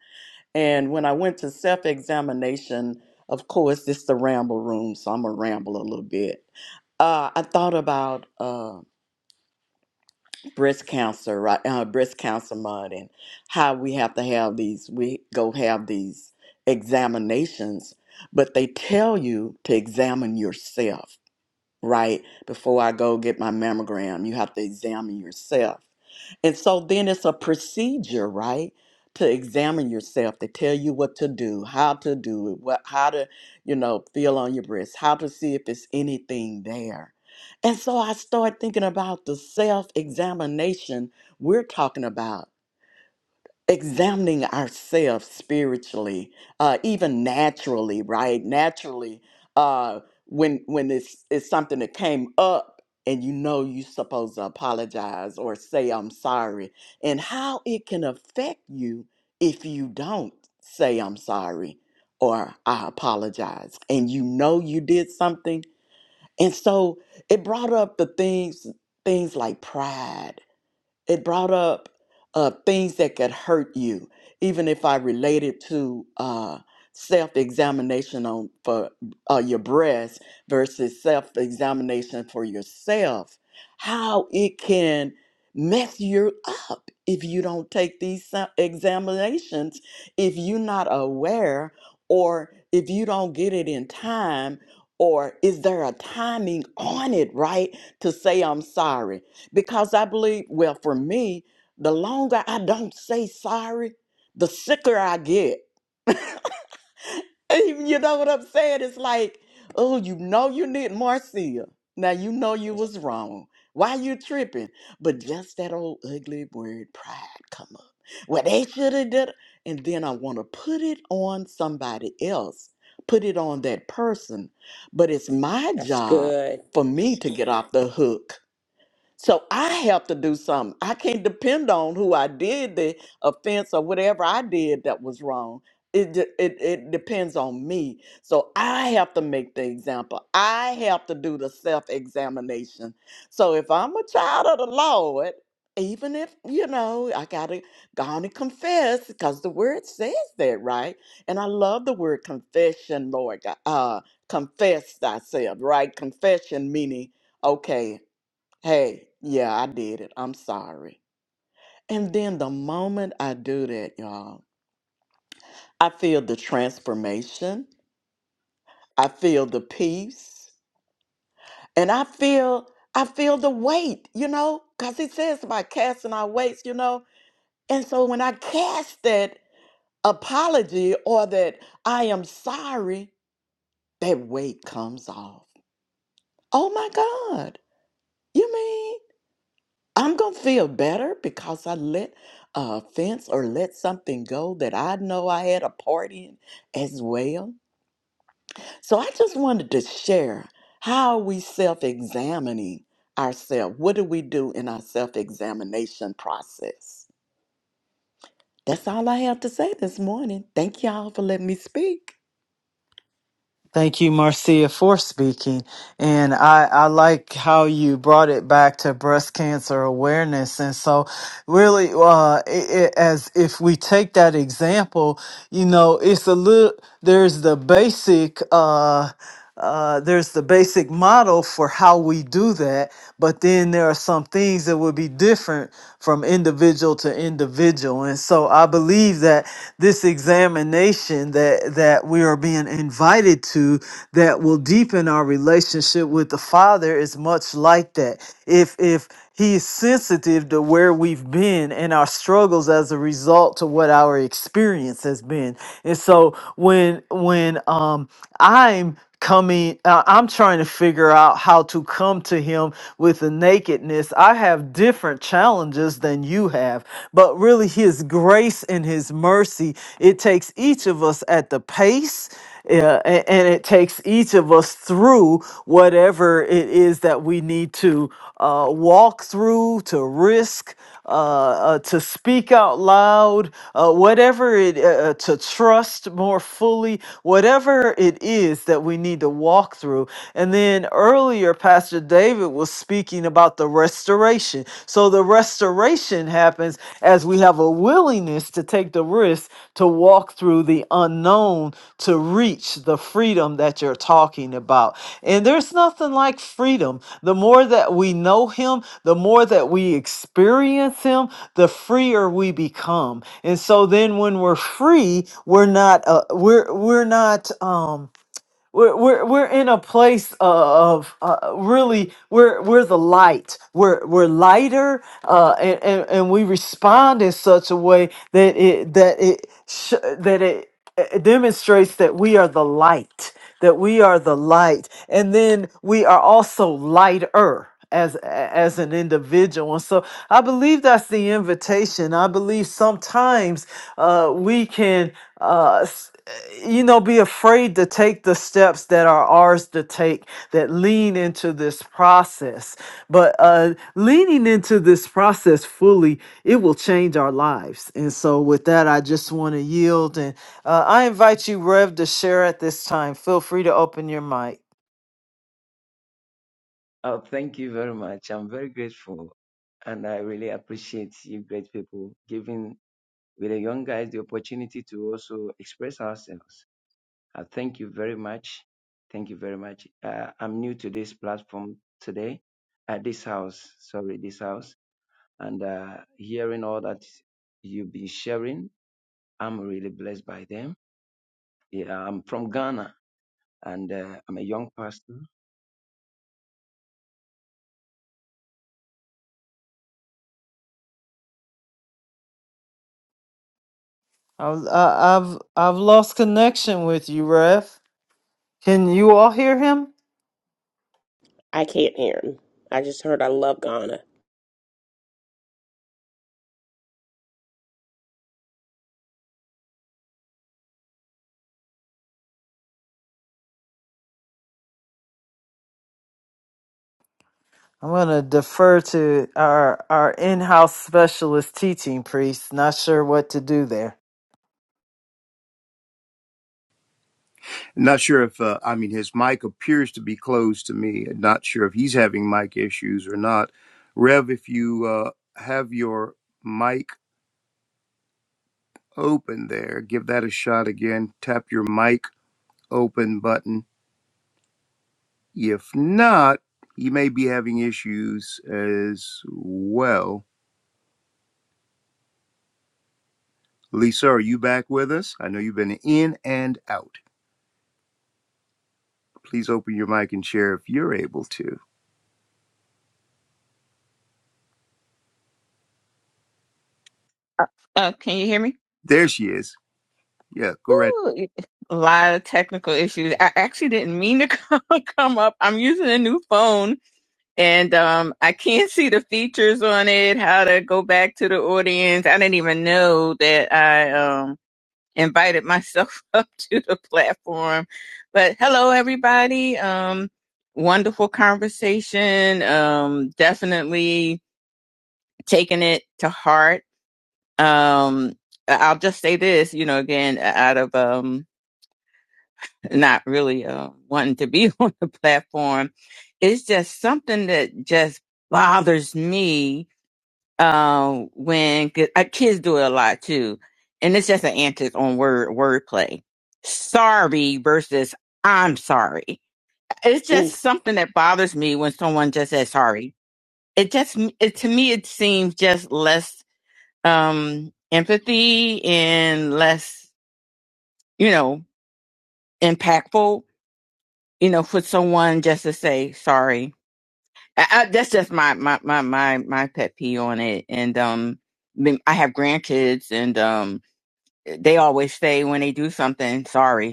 And when I went to self examination, of course, it's the ramble room, so I'm going to ramble a little bit. Uh, I thought about. Uh, breast cancer, right? Uh, breast cancer month, and how we have to have these. We go have these examinations, but they tell you to examine yourself right? Before I go get my mammogram, you have to examine yourself. And so then it's a procedure, right? To examine yourself, to tell you what to do, how to do it, what how to, you know, feel on your breast, how to see if it's anything there. And so I start thinking about the self-examination we're talking about examining ourselves spiritually uh even naturally right naturally uh when when it's it's something that came up and you know you're supposed to apologize or say i'm sorry and how it can affect you if you don't say i'm sorry or i apologize and you know you did something and so it brought up the things things like pride it brought up uh, things that could hurt you even if i related to uh, self-examination on for uh, your breast versus self-examination for yourself how it can mess you up if you don't take these se- examinations if you're not aware or if you don't get it in time or is there a timing on it right to say i'm sorry because I believe, well, for me, the longer I don't say sorry, the sicker I get. You know what I'm saying? It's like, oh, you know you need Marcia. Now you know you was wrong. Why you tripping? But just that old ugly word pride come up. Well, they should have did, it. and then I want to put it on somebody else, put it on that person. But it's my
That's
job
good.
for me to get off the hook so I have to do something. I can't depend on who I did the offense or whatever I did that was wrong. It, de- it it depends on me. So I have to make the example. I have to do the self examination. So if I'm a child of the Lord, even if you know I gotta go on and confess because the word says that, right? And I love the word confession, Lord. God. Uh, confess thyself, right? Confession meaning. Okay, Hey, yeah, I did it. I'm sorry. And then the moment I do that, y'all, I feel the transformation. I feel the peace. And I feel I feel the weight, you know, because he says about casting our weights, you know. And so when I cast that apology or that I am sorry, that weight comes off. Oh my God. You mean? I'm going to feel better because I let a offense or let something go that I know I had a part in as well. So I just wanted to share how are we self examining ourselves? What do we do in our self examination process? That's all I have to say this morning. Thank y'all for letting me speak.
Thank you, Marcia, for speaking. And I, I like how you brought it back to breast cancer awareness. And so, really, uh, it, it, as if we take that example, you know, it's a little, there's the basic, uh, uh, there's the basic model for how we do that, but then there are some things that would be different from individual to individual. And so I believe that this examination that that we are being invited to that will deepen our relationship with the Father is much like that. If if he is sensitive to where we've been and our struggles as a result to what our experience has been. And so when when um I'm coming uh, I'm trying to figure out how to come to him with the nakedness. I have different challenges than you have but really his grace and his mercy it takes each of us at the pace uh, a- and it takes each of us through whatever it is that we need to uh, walk through to risk uh, uh, to speak out loud uh, whatever it uh, uh, to trust more fully whatever it is that we need to walk through and then earlier pastor david was speaking about the restoration. So the restoration happens as we have a willingness to take the risk to walk through the unknown to reach the freedom that you're talking about. And there's nothing like freedom. The more that we know Him, the more that we experience Him, the freer we become. And so then when we're free, we're not uh, we're we're not um we're, we're, we're in a place of uh, really we're we're the light we're we're lighter uh, and, and and we respond in such a way that it that it sh- that it uh, demonstrates that we are the light that we are the light and then we are also lighter as as an individual. And so I believe that's the invitation. I believe sometimes uh, we can uh, s- you know be afraid to take the steps that are ours to take that lean into this process but uh leaning into this process fully it will change our lives and so with that i just want to yield and uh, i invite you rev to share at this time feel free to open your mic
Oh, thank you very much. I'm very grateful. And I really appreciate you great people giving with the young guys the opportunity to also express ourselves. Uh, thank you very much. Thank you very much. Uh, I'm new to this platform today, at this house, sorry, this house. And uh, hearing all that you've been sharing, I'm really blessed by them. Yeah, I'm from Ghana and uh, I'm a young pastor.
I've I- I've I've lost connection with you, Rev. Can you all hear him?
I can't hear him. I just heard I love Ghana.
I'm gonna defer to our our in-house specialist teaching priest. Not sure what to do there.
Not sure if uh, I mean his mic appears to be closed to me. Not sure if he's having mic issues or not. Rev, if you uh, have your mic open there, give that a shot again. Tap your mic open button. If not, he may be having issues as well. Lisa, are you back with us? I know you've been in and out. Please open your mic and share if you're able to.
Oh, can you hear me?
There she is. Yeah, go right.
Woo! A lot of technical issues. I actually didn't mean to come, come up. I'm using a new phone and um, I can't see the features on it, how to go back to the audience. I didn't even know that I um, invited myself up to the platform. But hello, everybody. Um, wonderful conversation. Um, definitely taking it to heart. Um, I- I'll just say this, you know, again, out of. Um, not really uh, wanting to be on the platform. It's just something that just bothers me uh, when 'cause, uh, kids do it a lot too, and it's just an antics on word wordplay. Sorry versus I'm sorry. It's just something that bothers me when someone just says sorry. It just it, to me it seems just less um empathy and less you know impactful you know, for someone just to say sorry. I, I, that's just my, my my my my pet peeve on it. And um, I mean, I have grandkids, and um, they always say when they do something, sorry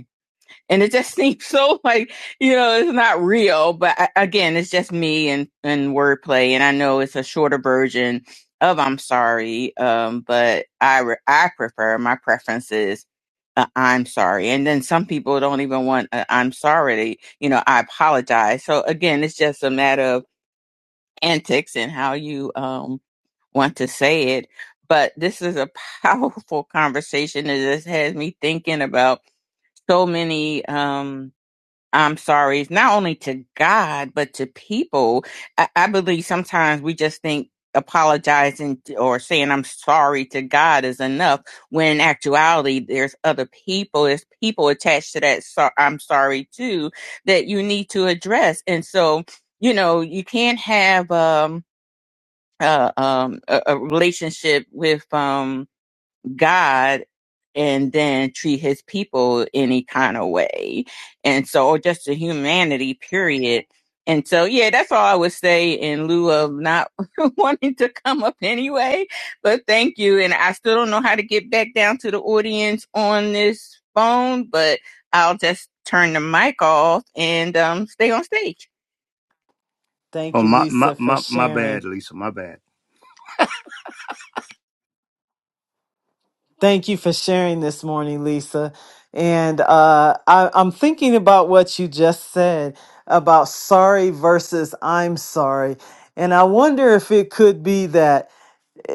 and it just seems so like you know it's not real but I, again it's just me and and wordplay and i know it's a shorter version of i'm sorry um but i re- i prefer my preference is uh, i'm sorry and then some people don't even want i i'm sorry you know i apologize so again it's just a matter of antics and how you um want to say it but this is a powerful conversation it just has me thinking about so many um I'm sorry, it's not only to God, but to people. I, I believe sometimes we just think apologizing or saying I'm sorry to God is enough, when in actuality, there's other people, there's people attached to that so- I'm sorry too that you need to address. And so, you know, you can't have, um, uh, um, a, a relationship with, um, God and then treat his people any kind of way. And so, or just the humanity, period. And so, yeah, that's all I would say in lieu of not wanting to come up anyway. But thank you. And I still don't know how to get back down to the audience on this phone, but I'll just turn the mic off and um, stay on stage.
Oh
Thank you,
my my
Lisa, for
my, my bad,
sharing.
Lisa. My bad.
Thank you for sharing this morning, Lisa. And uh, I, I'm thinking about what you just said about sorry versus I'm sorry. And I wonder if it could be that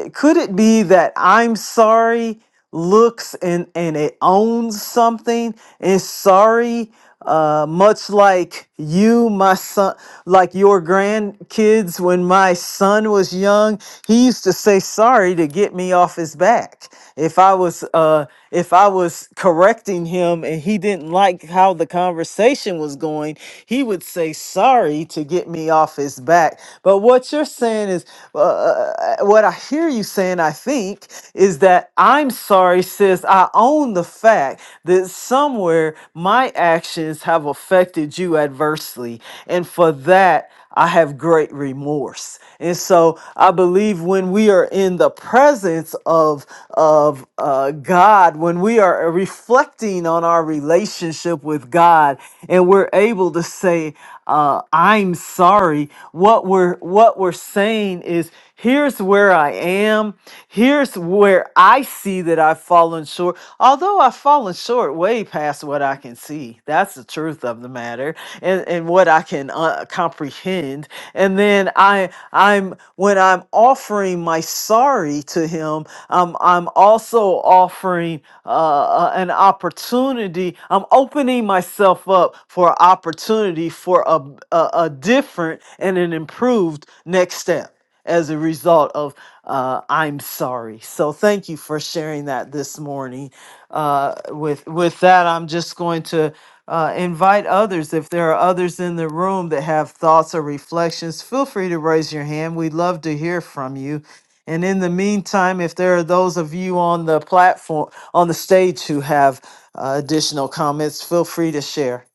could it be that I'm sorry looks and and it owns something and sorry uh much like you my son like your grandkids when my son was young he used to say sorry to get me off his back if i was uh if I was correcting him and he didn't like how the conversation was going, he would say sorry to get me off his back. But what you're saying is, uh, uh, uh, what I hear you saying, I think, is that I'm sorry, sis. I own the fact that somewhere my actions have affected you adversely. And for that, I have great remorse. And so I believe when we are in the presence of, of uh, God, when we are reflecting on our relationship with God and we're able to say, uh, I'm sorry, what we're, what we're saying is, here's where I am, here's where I see that I've fallen fallen short. Although I've fallen short way past what I can see. That's the truth of the matter and, and what I can uh, comprehend. And then I I'm when I'm offering my sorry to him, um, I'm also offering uh, uh, an opportunity. I'm opening myself up for opportunity for a, a, a different and an improved next step as a result of uh, I'm sorry. So thank you for sharing that this morning. Uh, with with that, I'm just going to uh, invite others. If there are others in the room that have thoughts or reflections, feel free to raise your hand. We'd love to hear from you. And in the meantime, if there are those of you on the platform, on the stage who have uh, additional comments, feel free to share.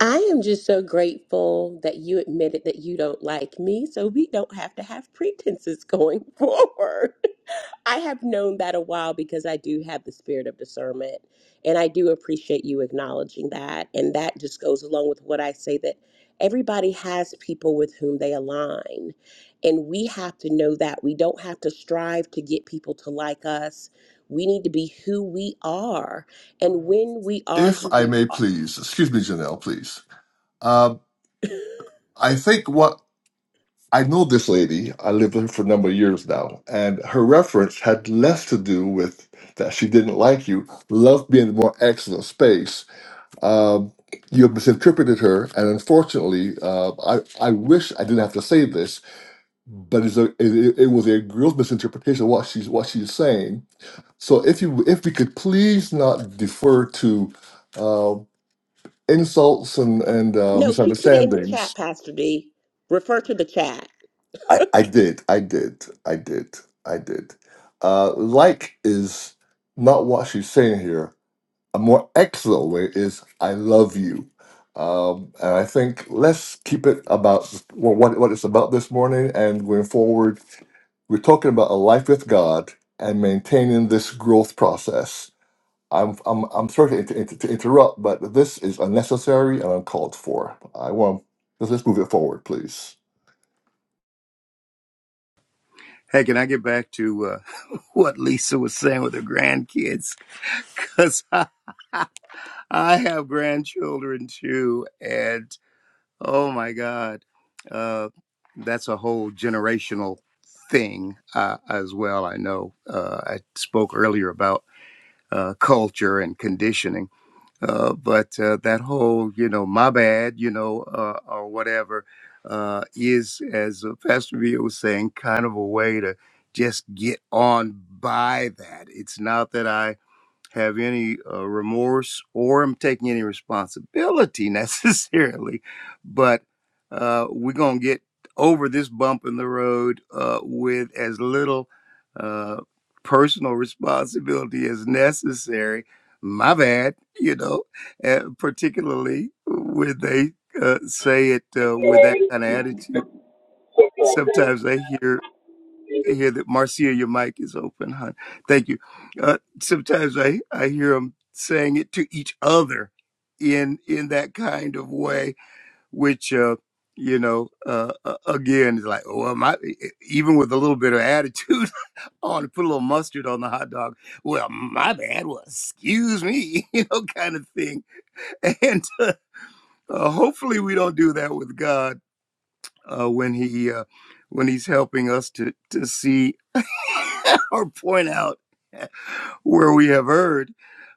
I am just so grateful that you admitted that you don't like me, so we don't have to have pretenses going forward. I have known that a while because I do have the spirit of discernment, and I do appreciate you acknowledging that. And that just goes along with what I say that everybody has people with whom they align, and we have to know that. We don't have to strive to get people to like us. We need to be who we are. And when we are
If
who
I may please, excuse me, Janelle, please. Um, I think what I know this lady. I lived with her for a number of years now, and her reference had less to do with that she didn't like you, loved being in a more excellent space. Um, you have misinterpreted her, and unfortunately, uh, I I wish I didn't have to say this, but it's a, it, it was a gross misinterpretation of what she's what she's saying. So if you if we could please not defer to uh, insults and and uh,
No, she put it in the
misunderstandings
chat, Pastor D. Refer to the chat.
I, I did, I did, I did, I did. Uh, like is not what she's saying here. A more excellent way is I love you. Um, and I think let's keep it about well, what, what it's about this morning and going forward. We're talking about a life with God and maintaining this growth process. I'm, I'm, I'm sorry to, inter- inter- to interrupt, but this is unnecessary and uncalled for. I want, let's let's move it forward, please.
Hey, can I get back to uh, what Lisa was saying with her grandkids? Because I, I have grandchildren too, and oh my God, uh, that's a whole generational thing uh, as well. I know uh, I spoke earlier about uh, culture and conditioning. Uh, but uh, that whole, you know, my bad, you know, uh, or whatever, uh, is, as uh, Pastor V was saying, kind of a way to just get on by that. It's not that I have any uh, remorse or am taking any responsibility necessarily, but uh, we're going to get over this bump in the road uh, with as little uh, personal responsibility as necessary. My bad, you know, uh, particularly when they uh, say it uh, with that kind of attitude. Sometimes I hear hear that Marcia, your mic is open, hon. Thank you. Uh, sometimes I I hear them saying it to each other in in that kind of way, which uh, you know uh, uh, again is like, well, my even with a little bit of attitude, I want to put a little mustard on the hot dog. Well, my bad. Well, excuse me, you know, kind of thing. And uh, uh, hopefully, we don't do that with God uh, when he uh, when he's helping us to to see. or point out where we have heard.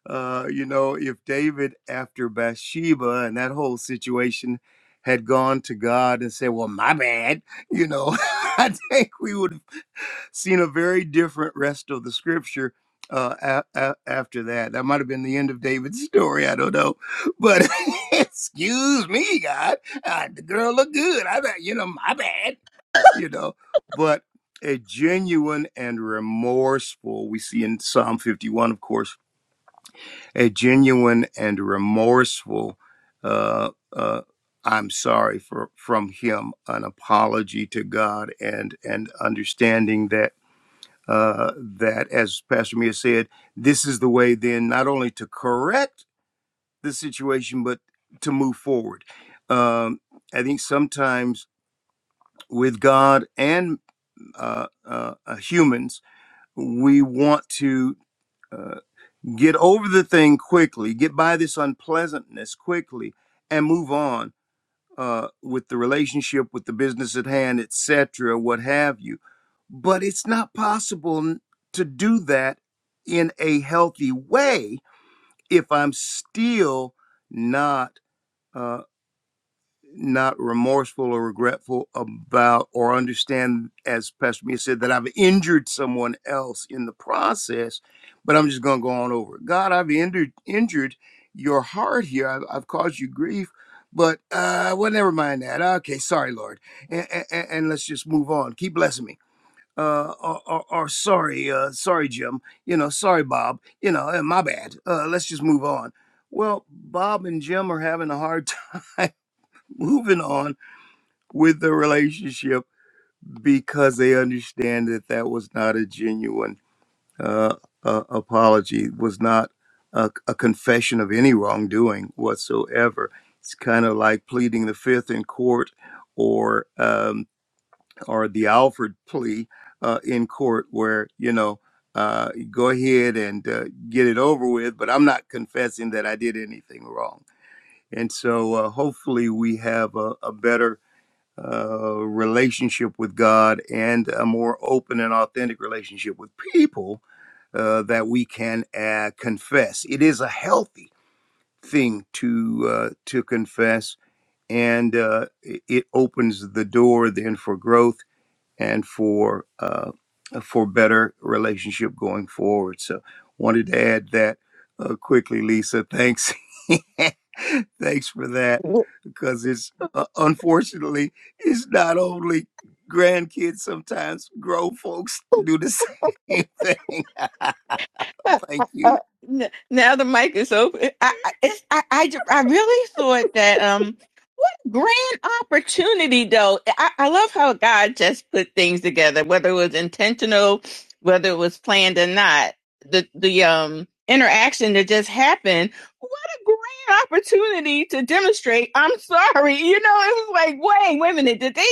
Uh, you know, if David, after Bathsheba and that whole situation, had gone to God and said, Well, my bad, you know, I think we would have seen a very different rest of the scripture uh, a- a- after that. That might have been the end of David's story. I don't know. But excuse me, God, uh, the girl looked good. I thought, you know, my bad you know, but a genuine and remorseful, we see in Psalm 51, of course, a genuine and remorseful, uh, uh, I'm sorry for from him, an apology to God, and and understanding that uh, that as Pastor Mia said, this is the way then not only to correct the situation but to move forward. Um, I think sometimes with God and uh, uh, uh, humans we want to uh, get over the thing quickly, get by this unpleasantness quickly, and move on uh, with the relationship, with the business at hand, etc., what have you. But it's not possible to do that in a healthy way if I'm still not. uh, not remorseful or regretful about or understand, as Pastor Mia said, that I've injured someone else in the process, but I'm just going to go on over. it. God, I've injured injured your heart here. I've, I've caused you grief, but uh, well, never mind that. Okay, sorry, Lord, and, and, and let's just move on. Keep blessing me. Uh, or, or, or sorry, uh, sorry, Jim. You know, sorry, Bob. You know, eh, my bad. Uh, let's just move on. Well, Bob and Jim are having a hard time moving on with the relationship because they understand that that was not a genuine uh, uh, apology, was not a, a confession of any wrongdoing whatsoever. It's kind of like pleading the fifth in court or um, or the Alford plea uh, in court, where you know. Uh, go ahead and uh, get it over with, but I'm not confessing that I did anything wrong. And so, uh, hopefully, we have a, a better uh, relationship with God and a more open and authentic relationship with people uh, that we can uh, confess. It is a healthy thing to uh, to confess, and uh, it it opens the door then for growth and for uh, uh, for better relationship going forward. So, wanted to add that uh, quickly, Lisa. Thanks, thanks for that, because it's uh, unfortunately it's not only grandkids. Sometimes grown folks do the same thing. Thank you.
Uh, n- now the mic is open. I, I, it's, I, I, ju- I really thought that, um, what a grand opportunity though. eh, I, I love how God just put things together, whether it was intentional, whether it was planned or not, the, the, um, interaction that just happened. What a grand opportunity to demonstrate. I'm sorry. You know, it was like, wait, wait a minute. Did they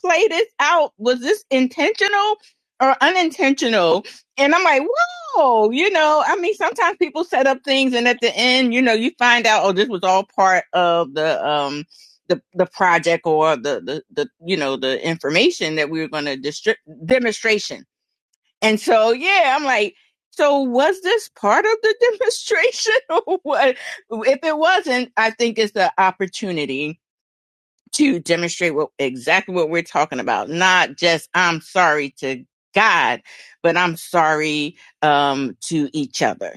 play this out? Was this intentional or unintentional? And I'm like, what? Oh, you know, I mean, sometimes people set up things, and at the end, you know, you find out, oh, this was all part of the um the the project or the the, the you know the information that we were going to distri- demonstration. And so, yeah, I'm like, so was this part of the demonstration or what? If it wasn't, I think it's the opportunity to demonstrate what exactly what we're talking about not just i'm sorry to god but i'm sorry um to each other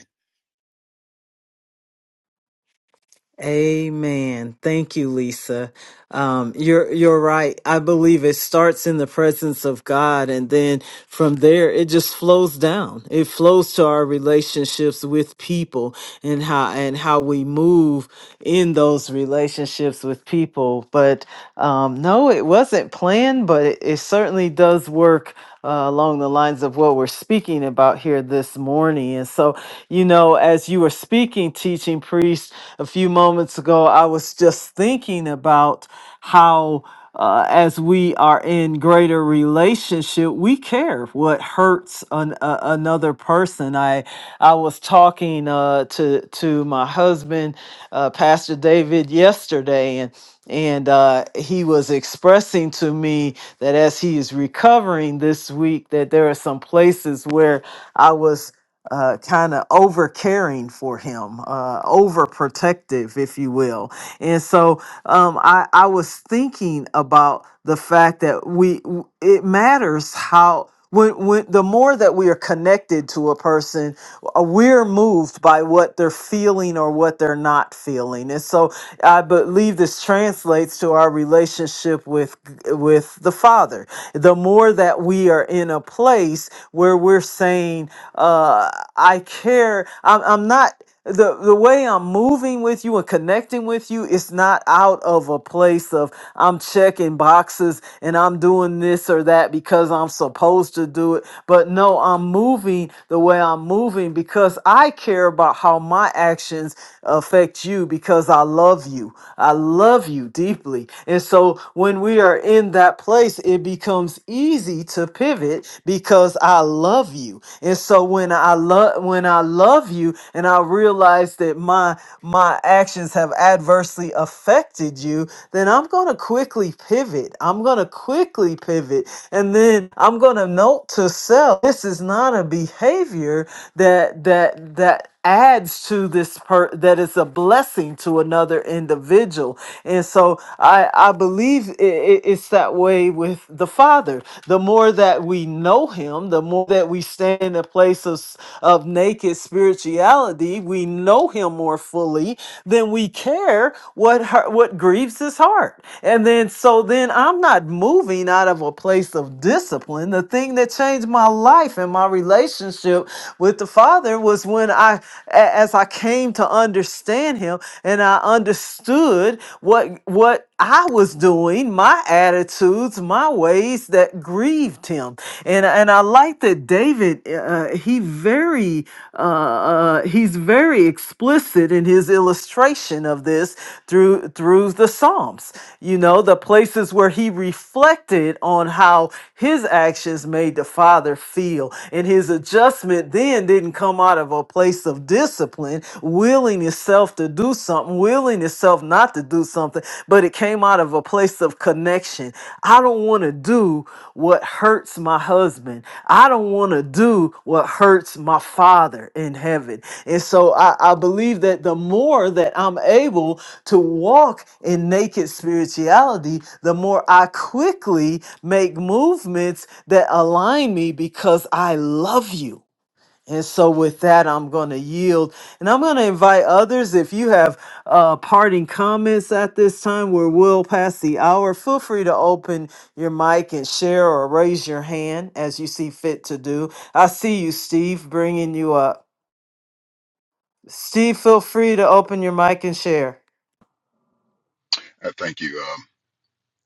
Amen. Thank you, Lisa. Um, you're you're right. I believe it starts in the presence of God, and then from there it just flows down. It flows to our relationships with people and how and how we move in those relationships with people. But um, no, it wasn't planned, but it, it certainly does work uh, along the lines of what we're speaking about here this morning. And so, you know, as you were speaking, teaching priest, a few moments ago, I was just thinking about how. Uh, as we are in greater relationship, we care what hurts hurts an, a another person. I I was talking uh, to to my husband, uh, Pastor David, yesterday, and and uh, he was expressing to me that as he is recovering this week, that there are some places where I was uh, kind of over caring for him, uh, overprotective, if you will. And so um, I, I was thinking about the fact that we w- it matters how when, when the more that we are connected to a person, uh, we're moved by what they're feeling or what they're not feeling. And so I believe this translates to our relationship with with the Father. The more that we are in a place where we're saying, uh, "I care," I'm, I'm not the the way I'm moving with you and connecting with you it's not out of a place of I'm checking boxes and I'm doing this or that because I'm supposed to do it but no I'm moving the way I'm moving because I care about how my actions affect you because I love you I love you deeply and so when we are in that place it becomes easy to pivot because I love you you. And so when I love when I love you and I realize that my my actions have adversely affected you, then I'm going to quickly pivot. I'm going to quickly pivot and then I'm going to note to self this is not a behavior that that that adds to this per that is a blessing to another individual and so i i believe i i- it's that way with the father the more that we know him the more that we stand in a place of s- of naked spirituality we know him more fully then we care what hurt, what grieves his heart and then so then i'm not moving out of a place of discipline the thing that changed my life and my relationship with the father was when I, a- as I came to understand him, and I understood what what I was doing, my attitudes, my ways that grieved him, and and I like that David. Uh, uh, he very uh, uh, he's very explicit in his illustration of this through through the Psalms. You know, the places where he reflected on how his actions made the Father feel, and his adjustment then sin didn't come out of a place of discipline, willing itself to do something, willing itself not to do something, but it came out of a place of connection. I don't want to do what hurts my husband. I don't want to do what hurts my father in heaven. And so I, I believe that the more that I'm able to walk in naked spirituality, the more I quickly make movements that align me because I love you. And so, with that, I'm going to yield and I'm going to invite others. If you have uh, parting comments at this time, we're well past the hour. Feel free to open your mic and share or raise your hand as you see fit to do. I see you, Steve, bringing you up. Steve, feel free to open your mic and share.
Uh, Thank you. Um,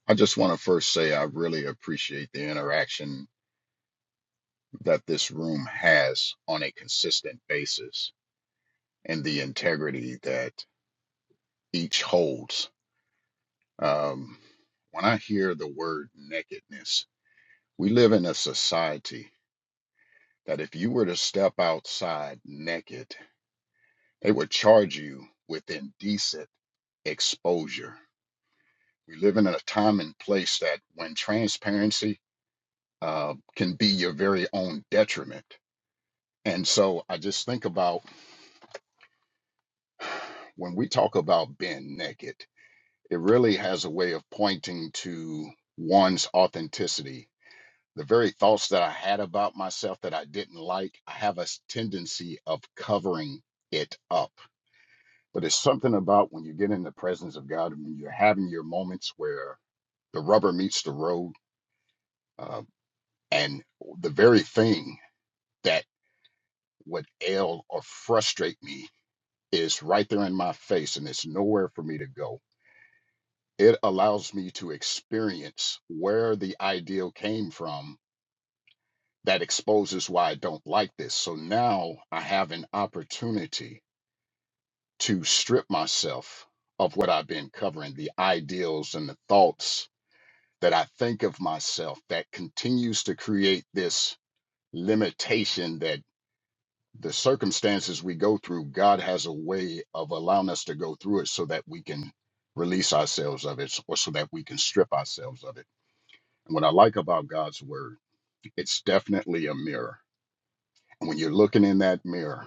I just want to first say I really appreciate the interaction that this room has on a consistent basis and the integrity that each holds. Um, when I hear the word nakedness, we live in a society that if you were to step outside naked, they would charge you with indecent exposure. We live in a time and place that when transparency uh, can be your very own detriment And so I just think about when we talk about being naked, it really has a way of pointing to one's authenticity. The very thoughts that I had about myself that I didn't like, I have a s- tendency of covering it up. But it's something about when you get in the presence of God, when you're having your moments where the rubber meets the road, uh, and the very thing that would ail or frustrate me It's right there in my face and it's nowhere for me to go. It allows me to experience where the ideal came from that exposes why I don't like this. So now I have an opportunity to strip myself of what I've been covering, the ideals and the thoughts that I think of myself that continues to create this limitation that the circumstances we go through, God has a way of allowing us to go through it so that we can release ourselves of it or so that we can strip ourselves of it. And what I like about God's word, it's definitely a mirror. And when you're looking in that mirror,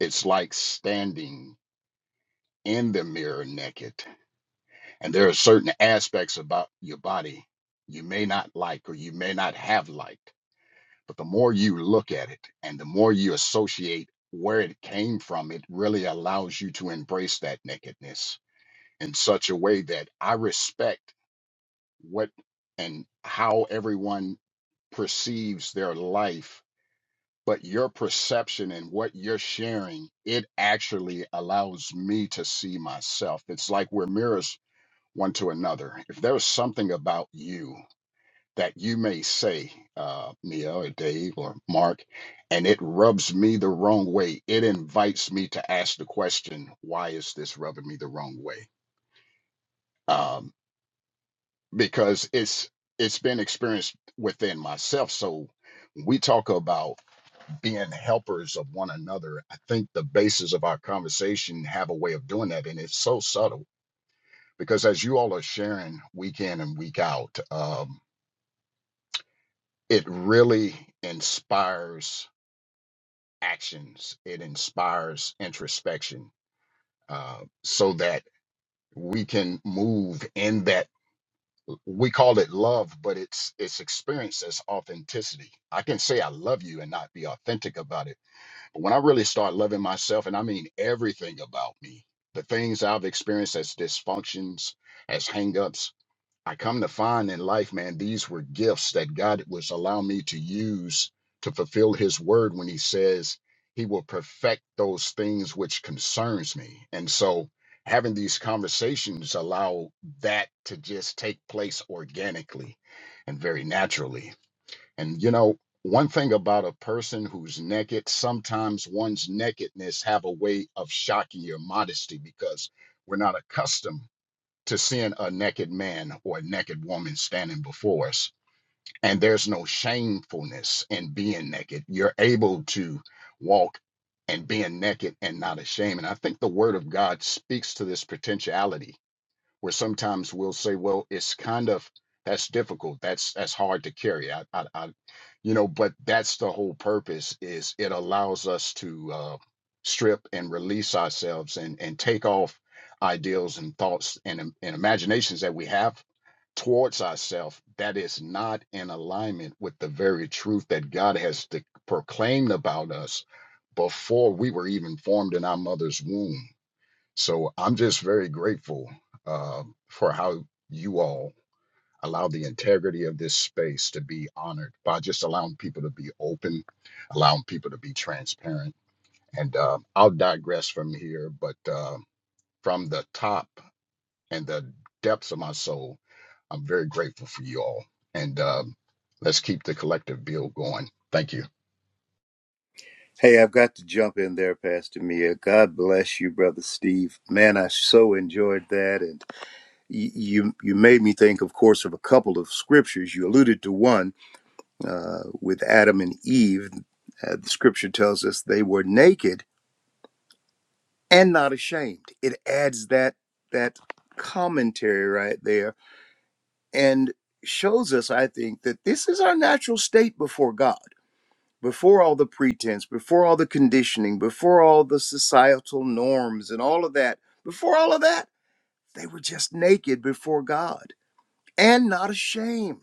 it's like standing in the mirror naked. And there are certain aspects about your body you may not like or you may not have liked But the more you look at it and the more you associate where it came from, it really allows you to embrace that nakedness in such a way that I respect what and how everyone perceives their life. But your perception and what you're sharing, it actually allows me to see myself. It's like we're mirrors one to another. If there's something about you that you may say, uh, Neil or Dave or Mark, and it rubs me the wrong way. It invites me to ask the question, why is this rubbing me the wrong way? Um, because it's it's been experienced within myself. So when we talk about being helpers of one another, I think the basis of our conversation have a way of doing that, and it's so subtle because as you all are sharing week in and week out, um, it really inspires actions. It inspires introspection uh, so that we can move in that we call it love, but it's it's experienced as authenticity. I can say I love you and not be authentic about it. But when I really start loving myself, and I mean everything about me, the things I've experienced as dysfunctions, as hangups, I come to find in life, man, these were gifts that God was allowing me to use to fulfill his word when he says he will perfect those things which concerns me. And so having these conversations allow that to just take place organically and very naturally. And you know, one thing about a person who's naked, sometimes one's nakedness have a way of shocking your modesty because we're not accustomed to send a naked man or a naked woman standing before us. And there's no shamefulness in being naked. You're able to walk and being naked and not ashamed. And I think the word of God speaks to this potentiality where sometimes we'll say, well, it's kind of that's difficult. That's that's hard to carry. I, I, I you know, but that's the whole purpose is it allows us to uh, strip and release ourselves and and take off ideals and thoughts and im- and imaginations that we have towards ourselves that is not in alignment with the very truth that God has de- proclaimed about us before we were even formed in our mother's womb so I'm just very grateful um, for how you all allow the integrity of this space to be honored by just allowing people to be open, allowing people to be transparent. And uh, I'll digress from here, but uh, from the top and the depths of my soul, I'm very grateful for you all. And um, let's keep the collective bill going. Thank you.
Hey, I've got to jump in there, Pastor Mia. God bless you, brother Steve. Man, I so enjoyed that, and you you made me think, of course, of a couple of scriptures. You alluded to one uh, with Adam and Eve. Uh, the scripture tells us they were naked and not ashamed. It adds that that commentary right there and shows us, I think, that this is our natural state before God. Before all the pretense, before all the conditioning, before all the societal norms and all of that, before all of that, they were just naked before God and not ashamed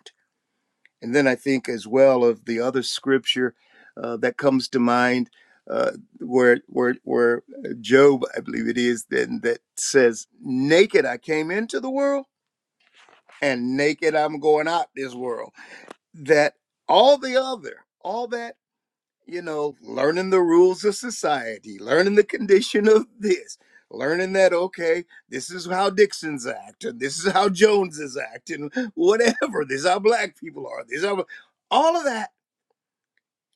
And then I think as well of the other scripture uh, that comes to mind, uh, where where where uh, Job, I believe it is, then that says, "Naked I came into the world, and naked I'm going out this world." That all the other, all that you know, learning the rules of society, learning the condition of this. Learning that okay, this is how Dixon's act, and this is how Joneses act, and whatever. This is how black people are. This is how all of that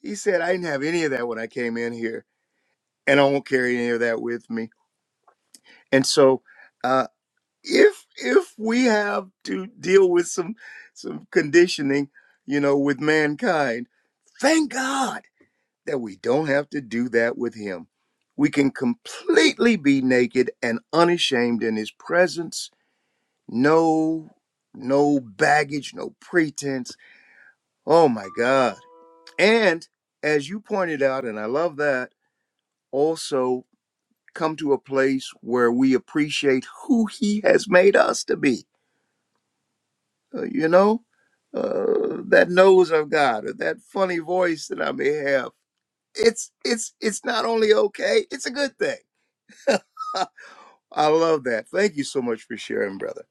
he said, I didn't have any of that when I came in here, and I won't carry any of that with me. And so, uh, if if we have to deal with some some conditioning, you know, with mankind, thank God that we don't have to do that with Him. We can completely be naked and unashamed in His presence. No, no baggage, no pretense. Oh my God! And as you pointed out, and I love that also come to a place where we appreciate who he has made us to be Uh, you know uh, that nose of god or that funny voice that i may have it's it's it's not only okay it's a good thing i love that thank you so much for sharing brother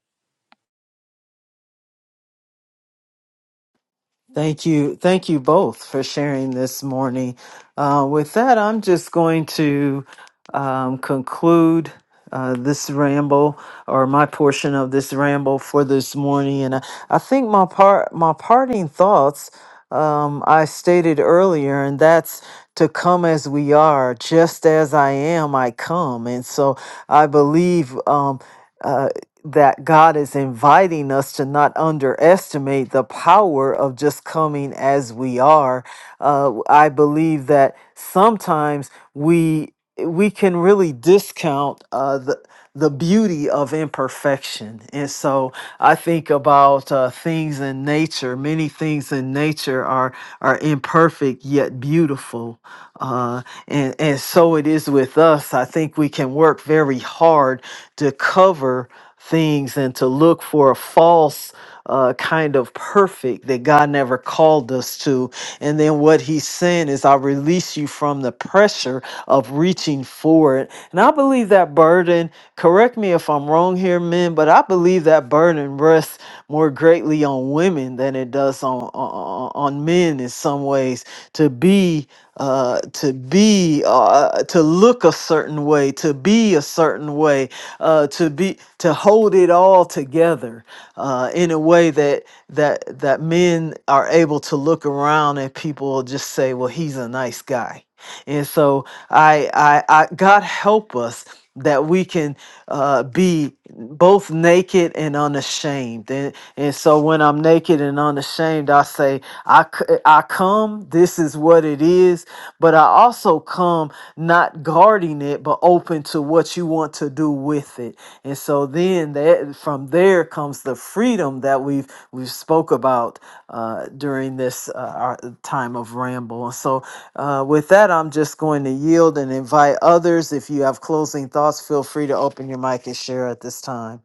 Thank you. Thank you both for sharing this morning. Uh, with that, I'm just going to um, conclude uh, this ramble or my portion of this ramble for this morning. And I, I think my part, my parting thoughts um, I stated earlier, and that's to come as we are, just as I am, I come. And so I believe. Um, uh, that God is inviting us to not underestimate the power of just coming as we are. Uh, I believe that sometimes we we can really discount uh, the the beauty of imperfection, and so I think about uh, things in nature. Many things in nature are are imperfect yet beautiful, uh, and and so it is with us. I think we can work very hard to cover things and to look for a false uh, kind of perfect that God never called us to. And then what he's saying is, I release you from the pressure of reaching for it. And I believe that burden, correct me if I'm wrong here, men, but I believe that burden rests more greatly on women than it does us on on, on men in some ways to be uh, to be uh, to look a certain way, to be a certain way, uh, to be to hold it all together uh, in a way that that that men are able to look around and people just say, "Well, he's a nice guy." And so I, I, I God help us that we can uh, be both naked and unashamed. And, and so when I'm naked and unashamed, I say, I, c- I come, this is what it is, but I also come not guarding it, but open to what you want to do with it. And so then that from there comes the freedom that we've, we've spoke about uh, during this uh, our time of ramble. And so uh, with that, I'm just going to yield and invite others. If you have closing thoughts, feel free to open your mic and share at this time.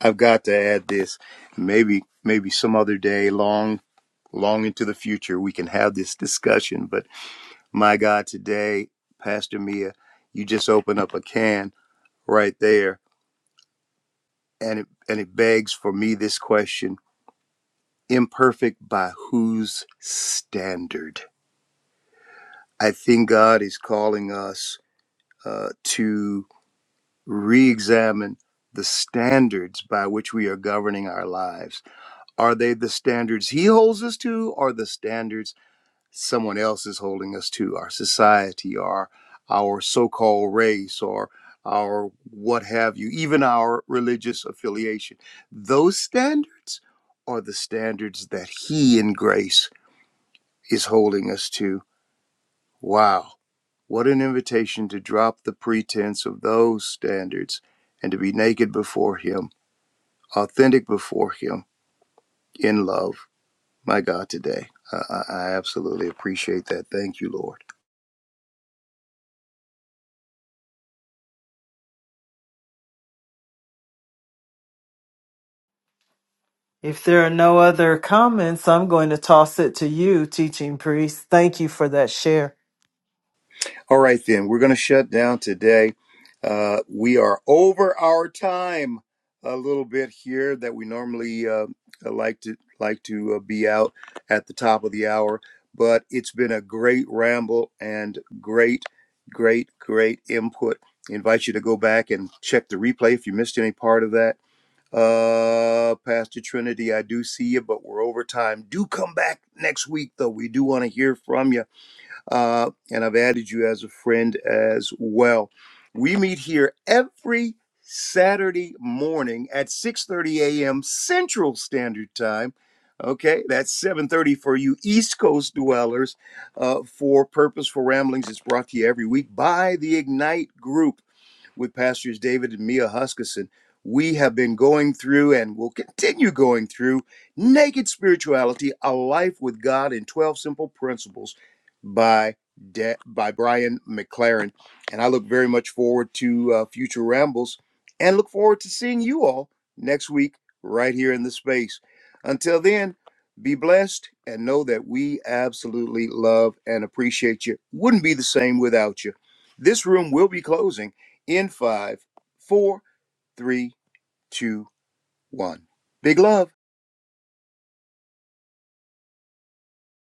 i've got to add this maybe maybe some other day long long into the future we can have this discussion but my god today pastor mia you just opened up a can right there and it and it begs for me this question imperfect by whose standard i think god is calling us uh, to re-examine the standards by which we are governing our lives are they the standards he holds us to or the standards someone else is holding us to our society our our so-called race or our what have you even our religious affiliation those standards are the standards that he in grace is holding us to wow what an invitation to drop the pretense of those standards and to be naked before him authentic before him in love my god today i, I I absolutely appreciate that thank you lord
If there are no other comments, I'm going to toss it to you, teaching priest. Thank you for that share.
All right, then, we're going to shut down today. Uh, we are over our time a little bit here that we normally uh, like to like to uh, be out at the top of the hour, but it's been a great ramble and great, great, great input. I invite you to go back and check the replay if you missed any part of that. Uh, Pastor Trinity, I do see you, but we're over time. Do come back next week, though. We do want to hear from you uh, and I've added you as a friend as well. We meet here every Saturday morning at 6:30 a.m. Central Standard Time. Okay, that's 7:30 for you East Coast dwellers. Uh, for Purposeful Ramblings, it's brought to you every week by the Ignite Group with Pastors David and Mia Huskisson. We have been going through and will continue going through Naked Spirituality, A Life with God in 12 Simple Principles by, De- by Brian McLaren. And I look very much forward to uh, future rambles and look forward to seeing you all next week right here in the space. Until then, be blessed and know that we absolutely love and appreciate you. Wouldn't be the same without you. This room will be closing in five, four, three, two, one. Big love.